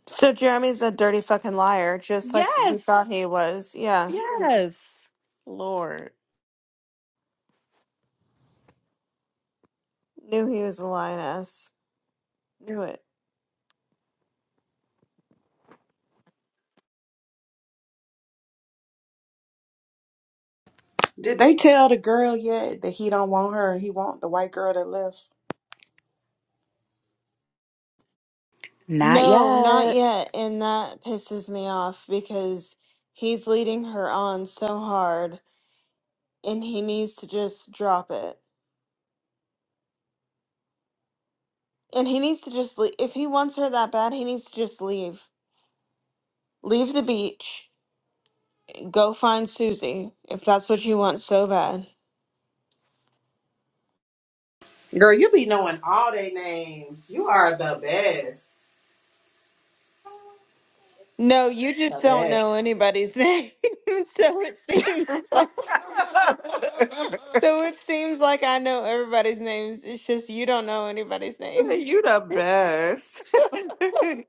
[SPEAKER 5] So Jeremy's a dirty fucking liar, just like we
[SPEAKER 1] Yes.
[SPEAKER 5] thought he was. Yeah,
[SPEAKER 1] Yes. Lord.
[SPEAKER 5] knew he was a lioness. Knew it.
[SPEAKER 6] Did they tell the girl yet that he don't want her? He want the white girl that left.
[SPEAKER 1] Not
[SPEAKER 5] No, not
[SPEAKER 1] yet.
[SPEAKER 5] yet. And that pisses me off because he's leading her on so hard, and he needs to just drop it. And he needs to just leave. If he wants her that bad, he needs to just leave. Leave the beach. Go find Susie if that's what you want so bad.
[SPEAKER 6] Girl, you be knowing all they names. You are the best.
[SPEAKER 5] No, you just
[SPEAKER 6] The
[SPEAKER 5] don't
[SPEAKER 6] best.
[SPEAKER 5] know anybody's name. so it seems like so it seems like I know everybody's names. It's just you don't know anybody's names.
[SPEAKER 1] you the best.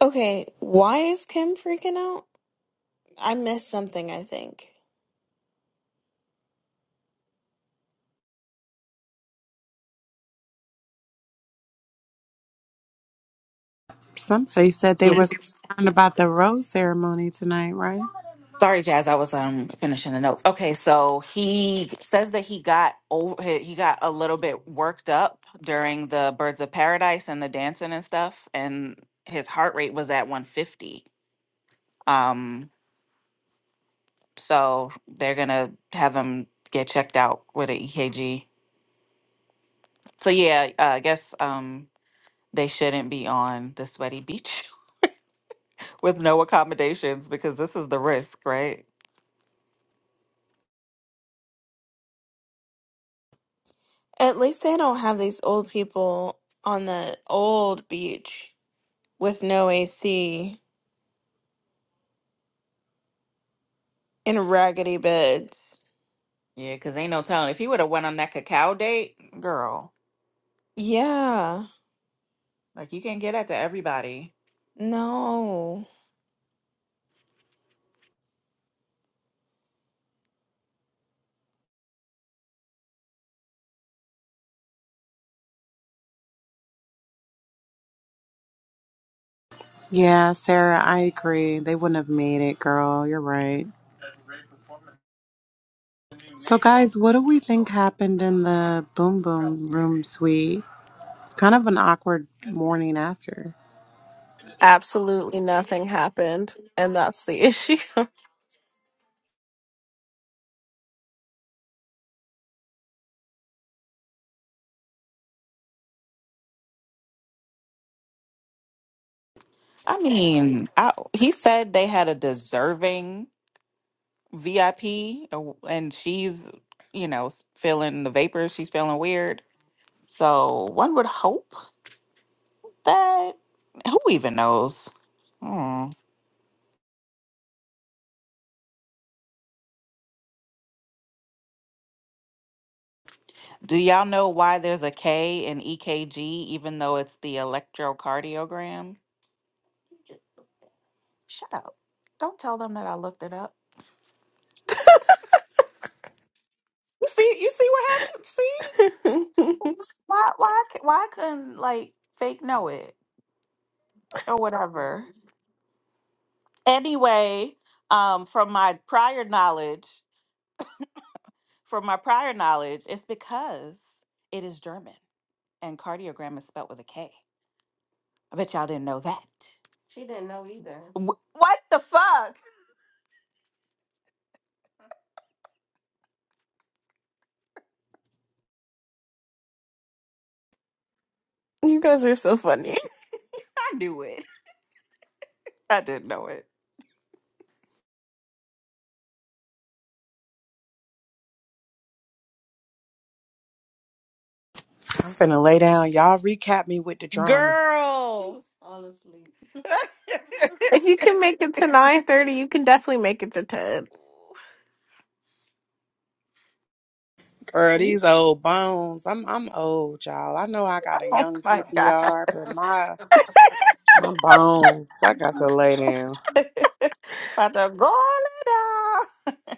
[SPEAKER 5] Okay, why is Kim freaking out? I missed something, I think.
[SPEAKER 6] Somebody said they
[SPEAKER 1] Yeah.
[SPEAKER 6] was concerned about the rose ceremony tonight, right?
[SPEAKER 1] Sorry, Jazz. I was um finishing the notes. Okay, so he says that he got over he he got a little bit worked up during the Birds of Paradise and the dancing and stuff, and his heart rate was at 150. Um, so they're gonna have him get checked out with an EKG. So yeah, uh, I guess um they shouldn't be on the sweaty beach with no accommodations because this is the risk, right?
[SPEAKER 5] At least they don't have these old people on the old beach with no AC in raggedy beds.
[SPEAKER 1] Yeah, because ain't no telling. If he would have went on that cacao date, girl.
[SPEAKER 5] Yeah.
[SPEAKER 1] Like you can not get that to everybody.
[SPEAKER 5] No.
[SPEAKER 6] Yeah, Sarah, I agree. They wouldn't have made it, girl. You're right. So, guys, what do we think happened in the Boom Boom Room Suite? It's kind of an awkward morning after.
[SPEAKER 2] Absolutely nothing happened, and that's the issue.
[SPEAKER 1] I mean, I, he said they had a deserving VIP, uh, and she's, you know, s- feeling the vapors. She's feeling weird. So one would hope that who even knows. Hmm. Do y'all know why there's a K in EKG, even though it's the electrocardiogram? Shut up! Don't tell them that I looked it up. You see, you see what happened. See why? Why? I c- Why I couldn't like fake know it? or whatever. Anyway, um, from my prior knowledge, from my prior knowledge, it's because it is German and cardiogram is spelled with a K. I bet y'all didn't know that. She didn't know either. Wh- what the fuck?
[SPEAKER 2] You guys are so funny.
[SPEAKER 1] I knew it. I didn't know it.
[SPEAKER 6] I'm finna lay down. Y'all recap me with the
[SPEAKER 1] She
[SPEAKER 6] drama.
[SPEAKER 1] Girl. She's All asleep.
[SPEAKER 2] If you can make it to nine thirty, you can definitely make it to ten.
[SPEAKER 6] Girl,
[SPEAKER 1] You-
[SPEAKER 6] these old bones. I'm I'm old, y'all. I know I got a
[SPEAKER 1] oh
[SPEAKER 6] young
[SPEAKER 1] my God.
[SPEAKER 6] PTR, but my my bones, I got to lay down.
[SPEAKER 1] About to go on it down.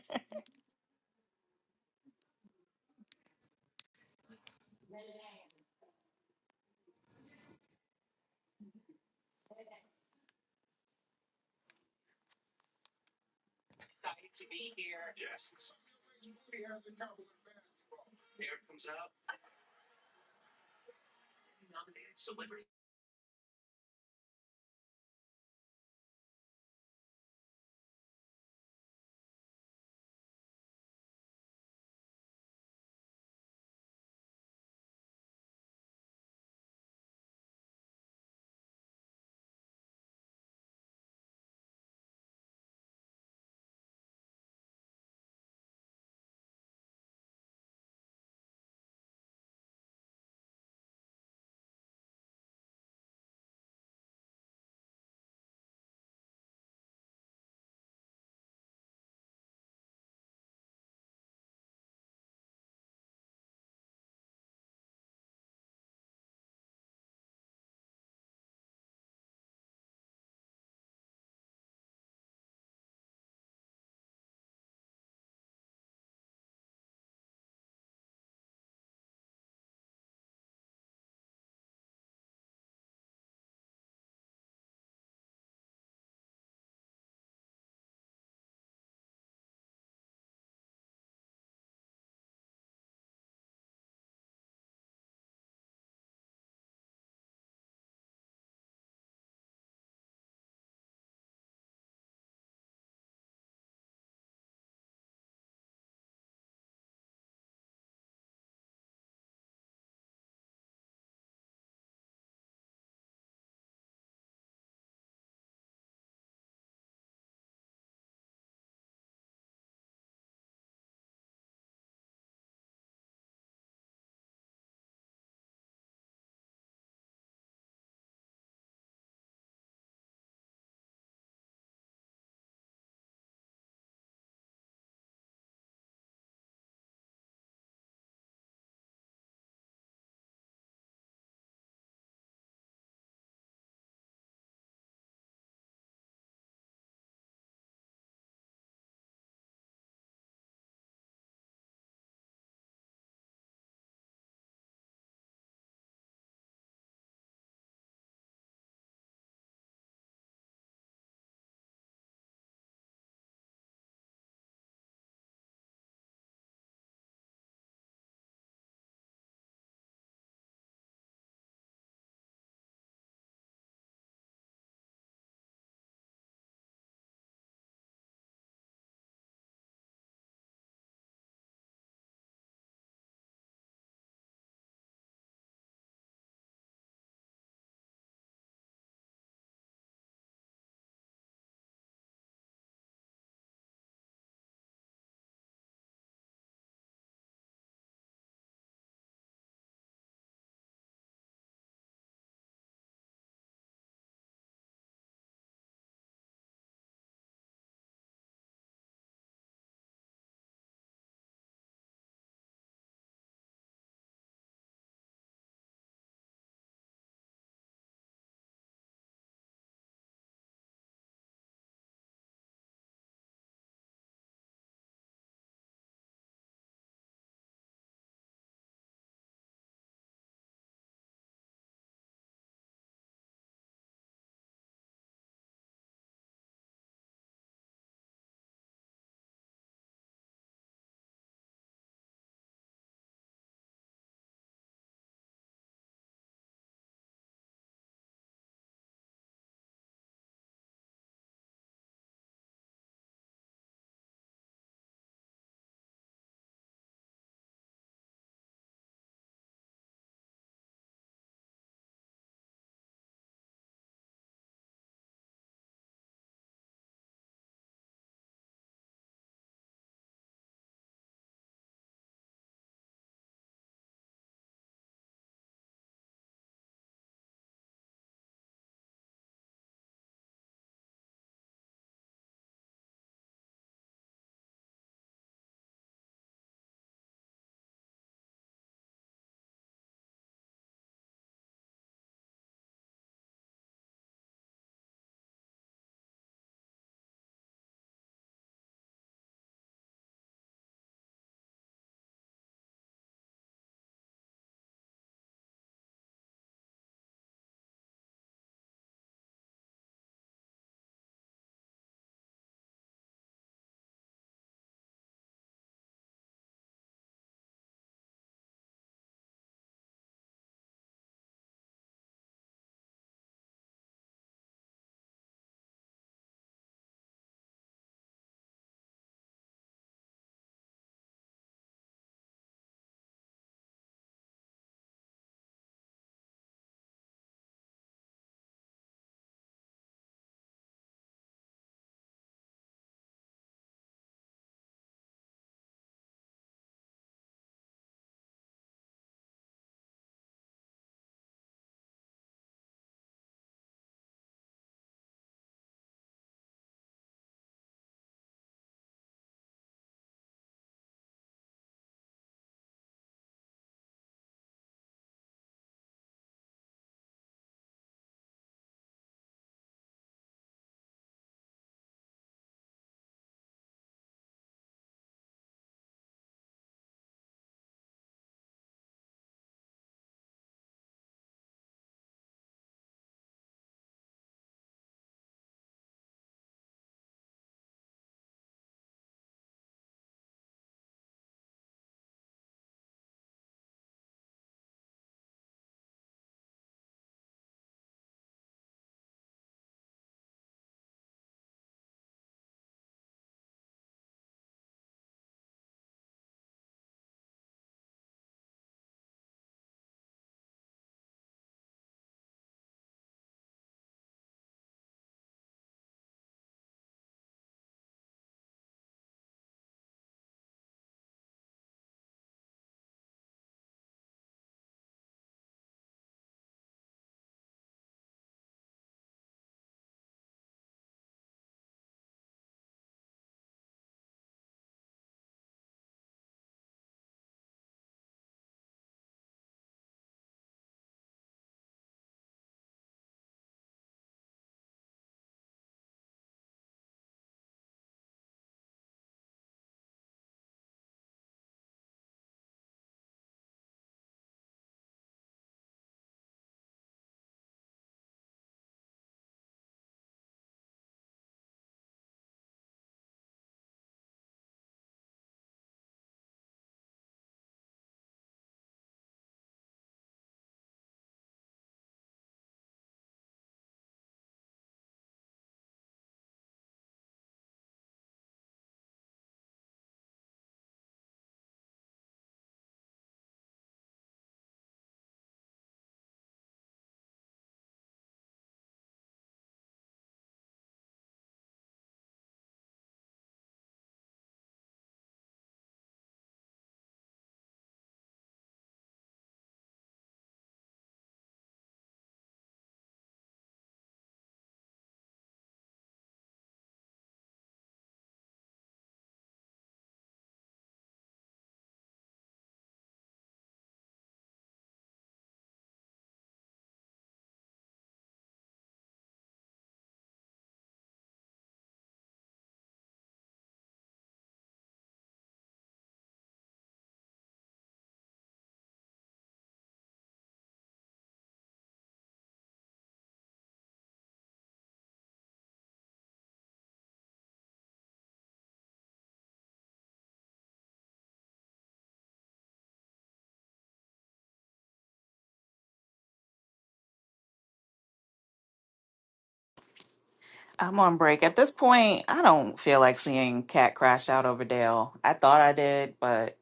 [SPEAKER 1] I'm on break. At this point, I don't feel like seeing Cat crash out over Dale. I thought I did, but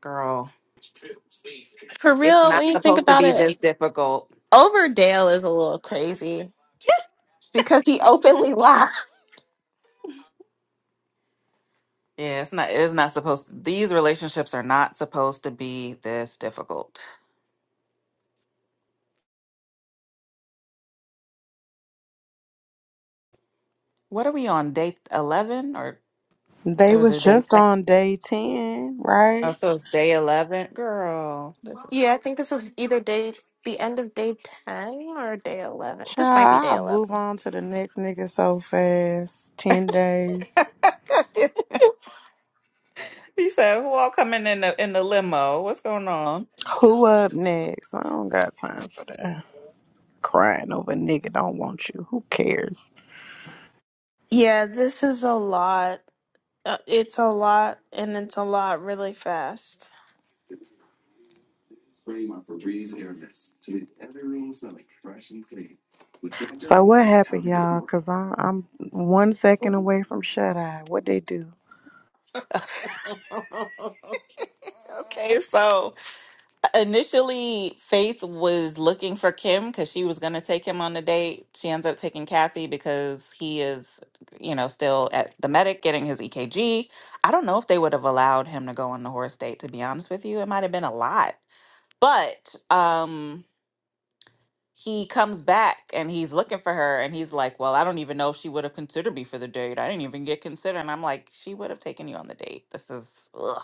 [SPEAKER 1] girl,
[SPEAKER 2] For
[SPEAKER 1] it's
[SPEAKER 2] real,
[SPEAKER 1] not
[SPEAKER 2] when you think
[SPEAKER 1] supposed to
[SPEAKER 2] about
[SPEAKER 1] be
[SPEAKER 2] it,
[SPEAKER 1] this difficult.
[SPEAKER 2] Overdale is a little crazy It's because he openly lied.
[SPEAKER 1] Yeah, it's not. It's not supposed. To, these relationships are not supposed to be this difficult. What are we on day eleven or,
[SPEAKER 6] They
[SPEAKER 1] or is
[SPEAKER 6] was
[SPEAKER 1] it day?
[SPEAKER 6] just
[SPEAKER 1] 10?
[SPEAKER 6] on day ten,
[SPEAKER 1] Oh,
[SPEAKER 6] right?
[SPEAKER 1] so it's day eleven, girl. This is.
[SPEAKER 2] Yeah, I think this is either day, the end of day 10 or day 11. This might be
[SPEAKER 6] Child,
[SPEAKER 2] day
[SPEAKER 6] I
[SPEAKER 2] 11.
[SPEAKER 6] move on to the next nigga so fast. Ten days.
[SPEAKER 1] he said, "Who all coming in the in the limo? What's going on?"
[SPEAKER 6] Who up next? I don't got time for that. Crying over nigga don't want you. Who cares?
[SPEAKER 5] Yeah, this is a lot. Uh, It's a lot, and it's a lot really fast.
[SPEAKER 6] So what happened, y'all? Cause I, I'm one second away from shut eye. What they do?
[SPEAKER 1] okay, so Initially, Faith was looking for Kim because she was going to take him on the date. She ends up taking Kathy because he is, you know, still at the medic getting his EKG. I don't know if they would have allowed him to go on the horse date, to be honest with you. It might have been a lot. But um, he comes back and he's looking for her and he's like, Well, I don't even know if she would have considered me for the date. I didn't even get considered. And I'm like, She would have taken you on the date. This is, ugh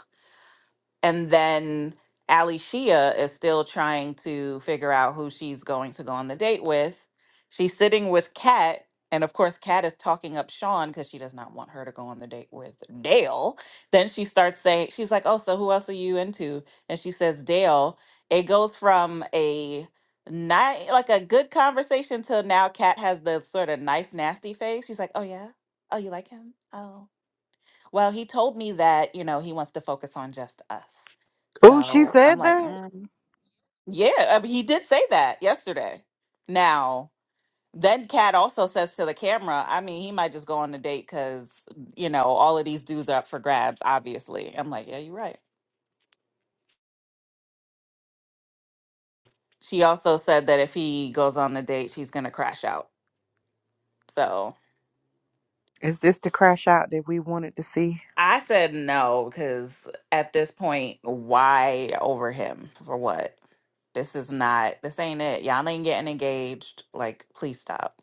[SPEAKER 1] and then Ali Shia is still trying to figure out who she's going to go on the date with. She's sitting with Kat, and of course, Kat is talking up Sean because she does not want her to go on the date with Dale. Then she starts saying, She's like, Oh, so who else are you into? And she says, Dale. It goes from a not like a good conversation till now Kat has the sort of nice, nasty face. She's like, Oh, yeah. Oh, you like him? Oh. Well, he told me that, you know, he wants to focus on just us.
[SPEAKER 6] Oh, she
[SPEAKER 1] So I'm
[SPEAKER 6] said
[SPEAKER 1] like,
[SPEAKER 6] that.
[SPEAKER 1] mm, yeah, I mean, he did say that yesterday. Now, then Kat also says to the camera, I mean, he might just go on the date because, you know, all of these dudes are up for grabs, obviously. I'm like, yeah, you're right. She also said that if he goes on the date, she's going to crash out. So.
[SPEAKER 6] Is this the crash out that we wanted to see?
[SPEAKER 1] I said no because at this point, why over him for what? This is not. This ain't it. Y'all ain't getting engaged. Like, please stop.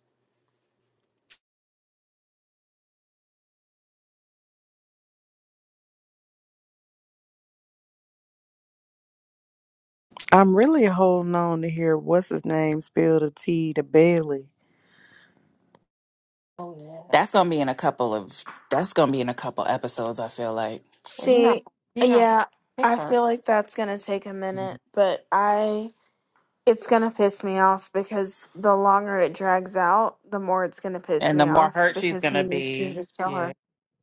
[SPEAKER 6] I'm really holding on to hear what's his name spill the tea to Bailey.
[SPEAKER 1] Oh yeah. That's gonna be in a couple of. That's gonna be in a couple episodes. I feel like, Well, you know,
[SPEAKER 5] See,
[SPEAKER 1] you know,
[SPEAKER 5] yeah,
[SPEAKER 1] pick
[SPEAKER 5] I
[SPEAKER 1] her.
[SPEAKER 5] feel like that's gonna take a minute, but I it's gonna piss me off because the longer it drags out, the more it's gonna piss
[SPEAKER 1] and the
[SPEAKER 5] me
[SPEAKER 1] more
[SPEAKER 5] off
[SPEAKER 1] hurt she's
[SPEAKER 5] because he
[SPEAKER 1] gonna
[SPEAKER 5] needs to
[SPEAKER 1] be,
[SPEAKER 5] just tell
[SPEAKER 1] yeah.
[SPEAKER 5] her.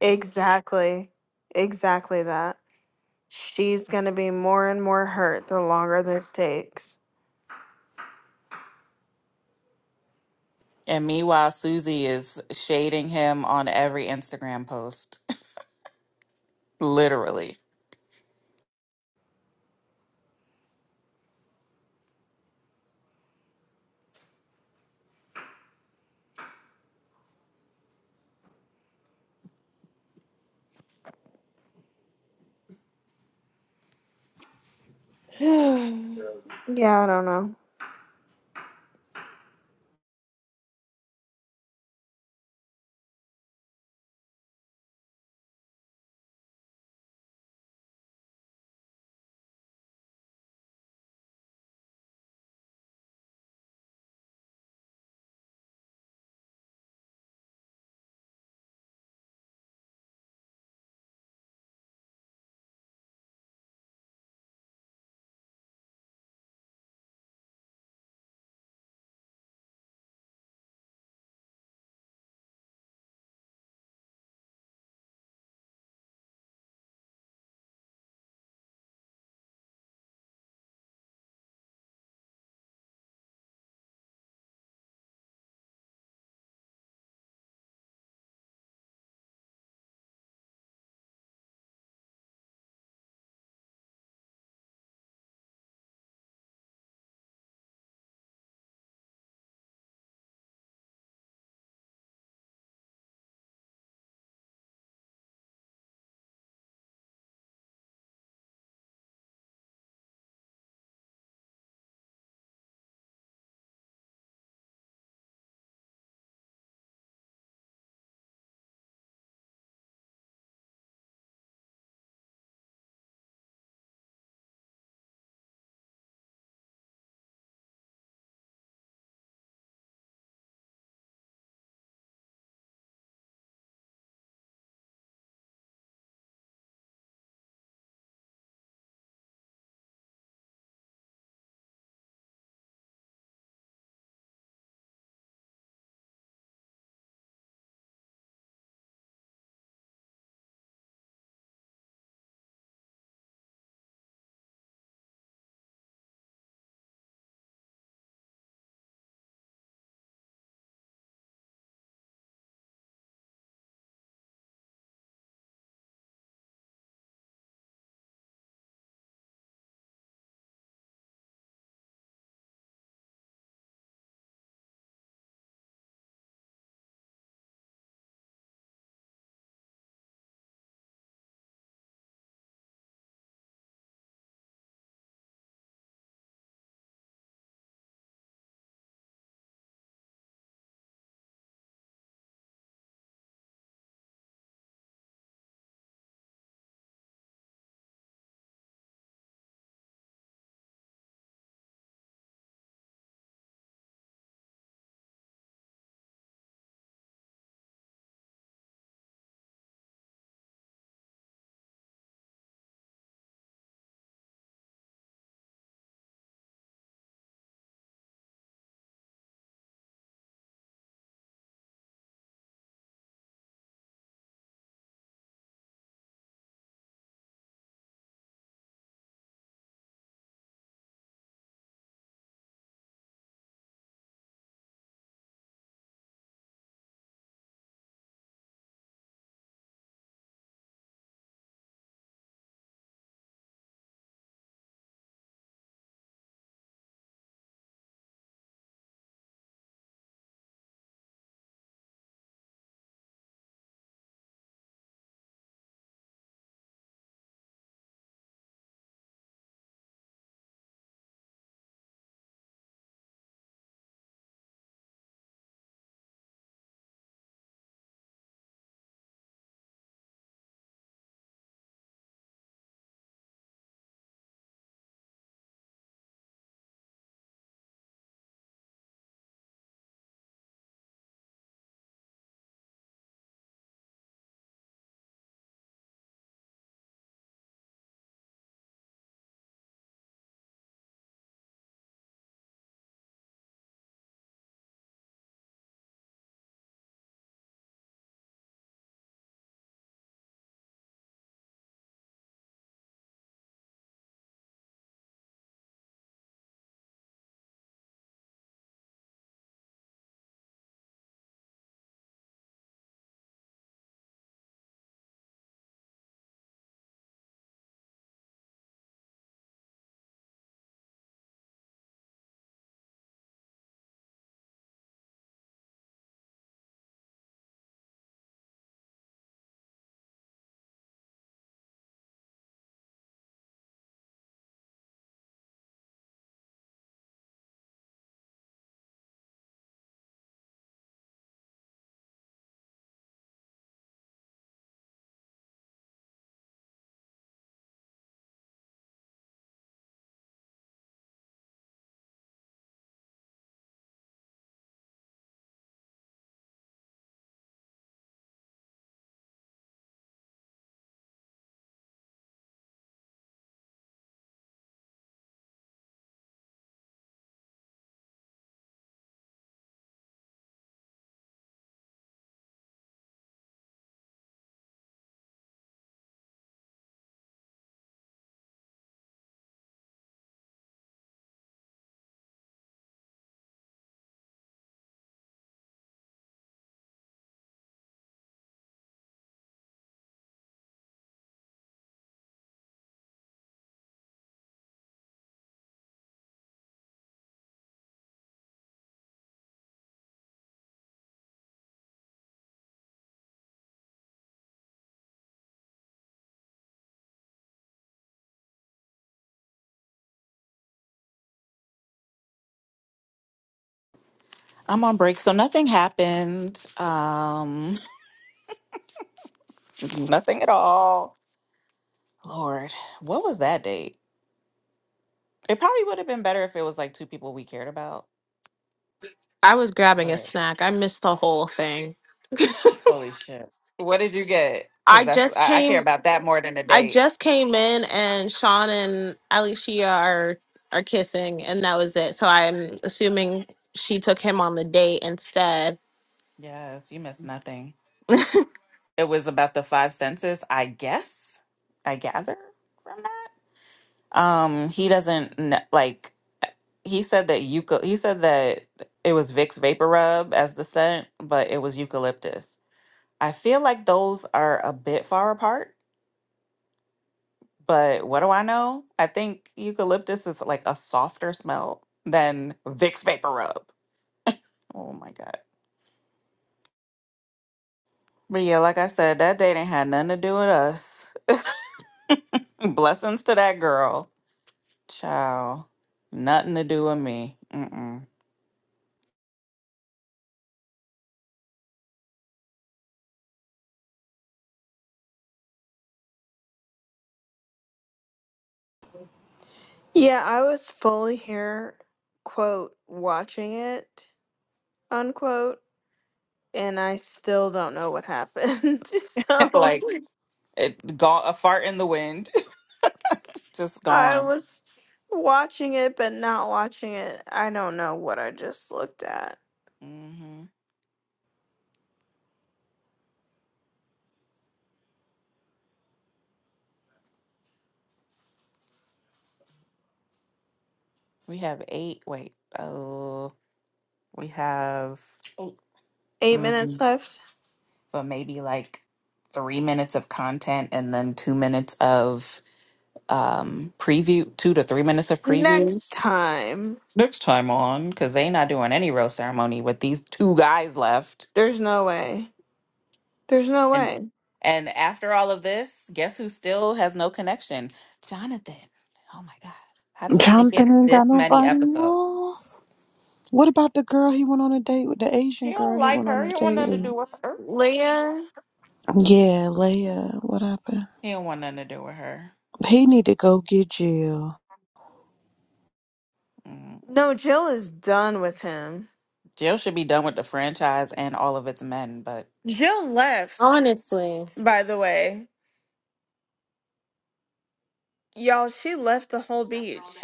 [SPEAKER 5] Exactly. Exactly that. She's gonna be more and more hurt the longer this takes.
[SPEAKER 1] And meanwhile, Susie is shading him on every Instagram post. Literally,
[SPEAKER 5] yeah, I don't know.
[SPEAKER 1] I'm on break, so nothing happened. Um. nothing at all. Lord, what was that date? It probably would have been better if it was like two people we cared about,
[SPEAKER 2] I was grabbing a
[SPEAKER 1] but
[SPEAKER 2] snack. I missed the whole thing.
[SPEAKER 1] holy shit. What did you get? Because
[SPEAKER 2] I
[SPEAKER 1] that's,
[SPEAKER 2] just
[SPEAKER 1] I, I care
[SPEAKER 2] came
[SPEAKER 1] about that more than a
[SPEAKER 2] I
[SPEAKER 1] date.
[SPEAKER 2] just came in and Sean and Alicia are are kissing and that was it. So I'm assuming she took him on the date instead.
[SPEAKER 1] Yes, you missed nothing. It was about the five senses, I guess. I gather from that. Um, he doesn't kn- like, he said that euca. he said that it was Vicks Vapor Rub as the scent, but it was eucalyptus. I feel like those are a bit far apart But what do I know? I think eucalyptus is like a softer smell than Vicks Vapor Rub. Oh my God. But yeah, like I said, that date ain't had nothing to do with us. Blessings to that girl. Ciao. Nothing to do with me. Mm-mm.
[SPEAKER 5] Yeah, I was fully here, quote, watching it. unquote and i still don't know what happened so
[SPEAKER 1] Like it gone a fart in the wind. Just
[SPEAKER 5] i
[SPEAKER 1] gone.
[SPEAKER 5] was watching it but not watching it i don't know what i just looked at
[SPEAKER 1] hmm We have eight. Wait. Oh, we have. Eight.
[SPEAKER 5] eight minutes
[SPEAKER 1] mm,
[SPEAKER 5] left
[SPEAKER 1] but maybe like three minutes of content and then two minutes of um preview two to three minutes of preview
[SPEAKER 5] next time
[SPEAKER 1] next time on because they not doing any roast ceremony with these two guys left
[SPEAKER 5] there's no way there's no
[SPEAKER 1] and
[SPEAKER 5] way
[SPEAKER 1] and after all of this guess who still has no connection jonathan oh my god how does he make it
[SPEAKER 6] Jonathan ain't got
[SPEAKER 1] this many
[SPEAKER 6] nobody
[SPEAKER 1] episodes
[SPEAKER 6] left. What about the girl he went on a date with? The
[SPEAKER 1] he
[SPEAKER 6] Asian
[SPEAKER 1] don't
[SPEAKER 6] girl he
[SPEAKER 1] like
[SPEAKER 6] went on
[SPEAKER 1] her
[SPEAKER 6] a
[SPEAKER 1] he don't want
[SPEAKER 6] date
[SPEAKER 1] nothing to
[SPEAKER 6] with.
[SPEAKER 1] do with her
[SPEAKER 5] leah
[SPEAKER 6] Yeah, Leia. What happened?
[SPEAKER 1] he don't want nothing to do with her
[SPEAKER 6] He need to go get Jill.
[SPEAKER 1] mm.
[SPEAKER 5] no jill is done with him
[SPEAKER 1] jill should be done with the franchise and all of its men but
[SPEAKER 5] jill left
[SPEAKER 2] Honestly.
[SPEAKER 5] by the way y'all she left the whole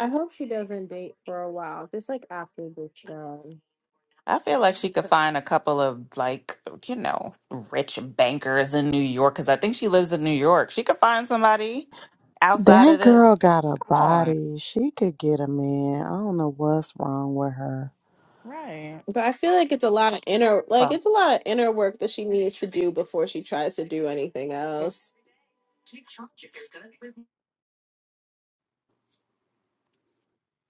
[SPEAKER 2] I hope she doesn't date for a while, just like after the show.
[SPEAKER 1] I feel like she could find a couple of like, you know, rich bankers in New York because I think she lives in New York. She could find somebody outside
[SPEAKER 6] That
[SPEAKER 1] of this.
[SPEAKER 6] girl got a
[SPEAKER 1] Come on,
[SPEAKER 6] body. She could get a man. I don't know what's wrong with her.
[SPEAKER 1] right?
[SPEAKER 2] But I feel like it's a lot of inner like
[SPEAKER 1] Well,
[SPEAKER 2] it's a lot of inner work that she needs to do before she tries to do anything
[SPEAKER 1] I
[SPEAKER 2] else.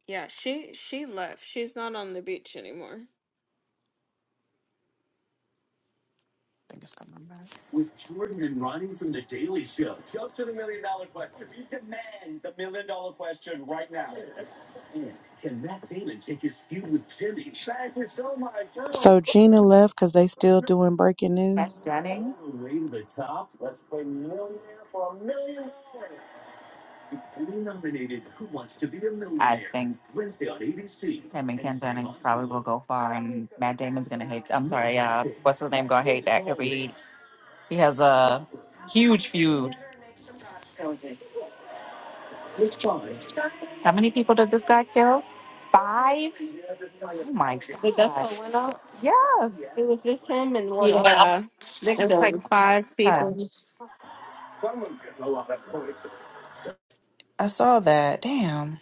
[SPEAKER 5] yeah she she left she's not on the beach anymore
[SPEAKER 1] think it's coming back. With Jordan and Ronnie from The Daily Show. Jump to the million dollar question. If you demand the million dollar question right now. And can Matt Damon take his feud with Jimmy? Thank you so much, Joe.
[SPEAKER 6] So Gina left because they still doing breaking news.
[SPEAKER 1] Matt Jennings. Way to the top. Let's play millionaire for a million dollars. Who Wants to Be a Millionaire? I think that Ken Jennings probably will go far, and Matt Damon's gonna hate. I'm sorry, uh, what's his name? Gonna hate that because he he has a huge feud. How many people did this guy kill? Five. Oh my But that's god. what went up. Yes. It was just him and one other
[SPEAKER 2] Yeah. It's like
[SPEAKER 1] victim.
[SPEAKER 2] five
[SPEAKER 1] Yeah.
[SPEAKER 2] people.
[SPEAKER 1] I saw that. Damn.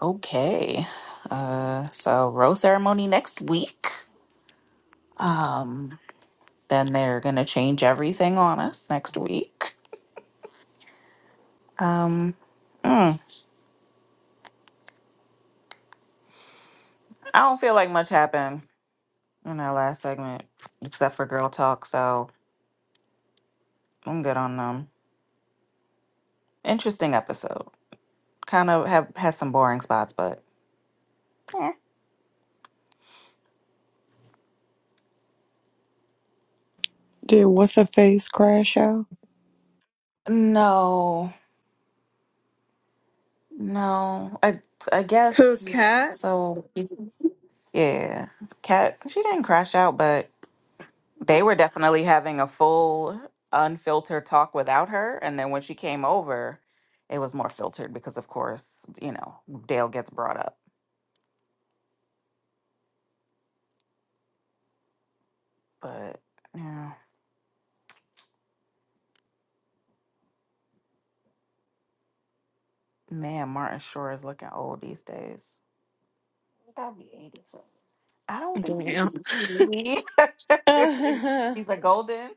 [SPEAKER 1] Okay. Uh, so rose ceremony next week. Um, then they're gonna change everything on us next week. Um, mm, I don't feel like much happened in that last segment except for girl talk, so I'm good on them. Interesting episode. Kind of have had some boring spots, but eh.
[SPEAKER 6] Did what's her face crash out?
[SPEAKER 1] no, no. I I
[SPEAKER 5] who
[SPEAKER 1] guess
[SPEAKER 5] Yeah.
[SPEAKER 1] so. Yeah, Cat. She didn't crash out, but they were definitely having a full unfiltered talk without her and then when she came over it was more filtered because of course you know dale gets brought up but yeah man martin sure is looking old these days Gotta be 80 so- i don't think he's
[SPEAKER 2] Damn.
[SPEAKER 1] 80.
[SPEAKER 5] cat
[SPEAKER 1] he's a golden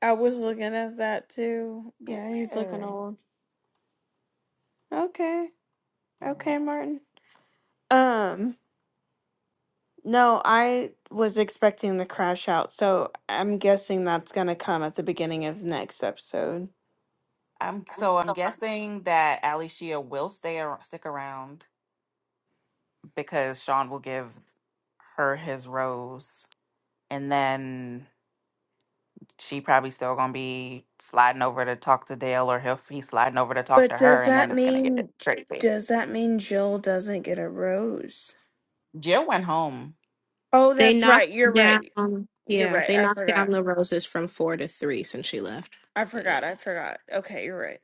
[SPEAKER 5] I was looking at that too.
[SPEAKER 1] yeah.
[SPEAKER 5] Yeah, he's looking old. Okay.
[SPEAKER 1] yeah
[SPEAKER 5] Okay, Martin. Um, no, I was expecting the crash out, so I'm guessing that's gonna come at the beginning of next episode.
[SPEAKER 1] i'm so i'm guessing that Alicia will stay ar- stick around because sean will give her his rose and then she probably still gonna be sliding over to talk to Dale, or he'll be sliding over to talk
[SPEAKER 5] But
[SPEAKER 1] to
[SPEAKER 5] does
[SPEAKER 1] her, and then
[SPEAKER 5] that
[SPEAKER 1] it's gonna get
[SPEAKER 5] mean
[SPEAKER 1] crazy.
[SPEAKER 5] does that mean Jill doesn't get a rose?
[SPEAKER 1] Jill went home.
[SPEAKER 5] Oh,
[SPEAKER 2] They
[SPEAKER 5] that's right.
[SPEAKER 2] knocked
[SPEAKER 5] You're right.
[SPEAKER 2] down,
[SPEAKER 5] You're
[SPEAKER 2] yeah,
[SPEAKER 5] right.
[SPEAKER 2] they
[SPEAKER 5] I
[SPEAKER 2] knocked down
[SPEAKER 5] forgot.
[SPEAKER 2] the roses from four to three since she left.
[SPEAKER 5] I forgot.
[SPEAKER 1] Yeah,
[SPEAKER 5] I forgot. Okay, you're right.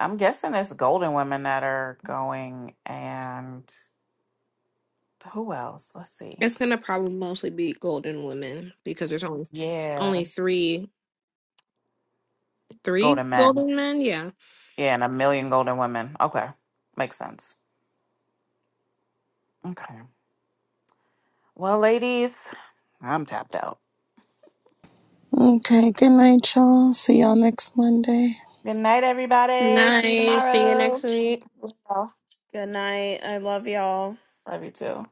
[SPEAKER 1] I'm guessing it's Golden Women that are going, and who else? Let's see.
[SPEAKER 2] It's gonna probably mostly be golden women because there's only
[SPEAKER 1] Yeah,
[SPEAKER 2] only three three
[SPEAKER 1] Golden Men.
[SPEAKER 2] golden men. Yeah.
[SPEAKER 1] Yeah, and a million Golden Women. Okay, makes sense. Okay. Well, ladies, I'm tapped out.
[SPEAKER 6] Okay, good night, y'all. See y'all next Monday.
[SPEAKER 1] Good night, everybody. See you
[SPEAKER 2] Nice. See you
[SPEAKER 1] tomorrow.
[SPEAKER 2] next week.
[SPEAKER 1] Love you all.
[SPEAKER 5] Good night. I love y'all.
[SPEAKER 1] Love you too.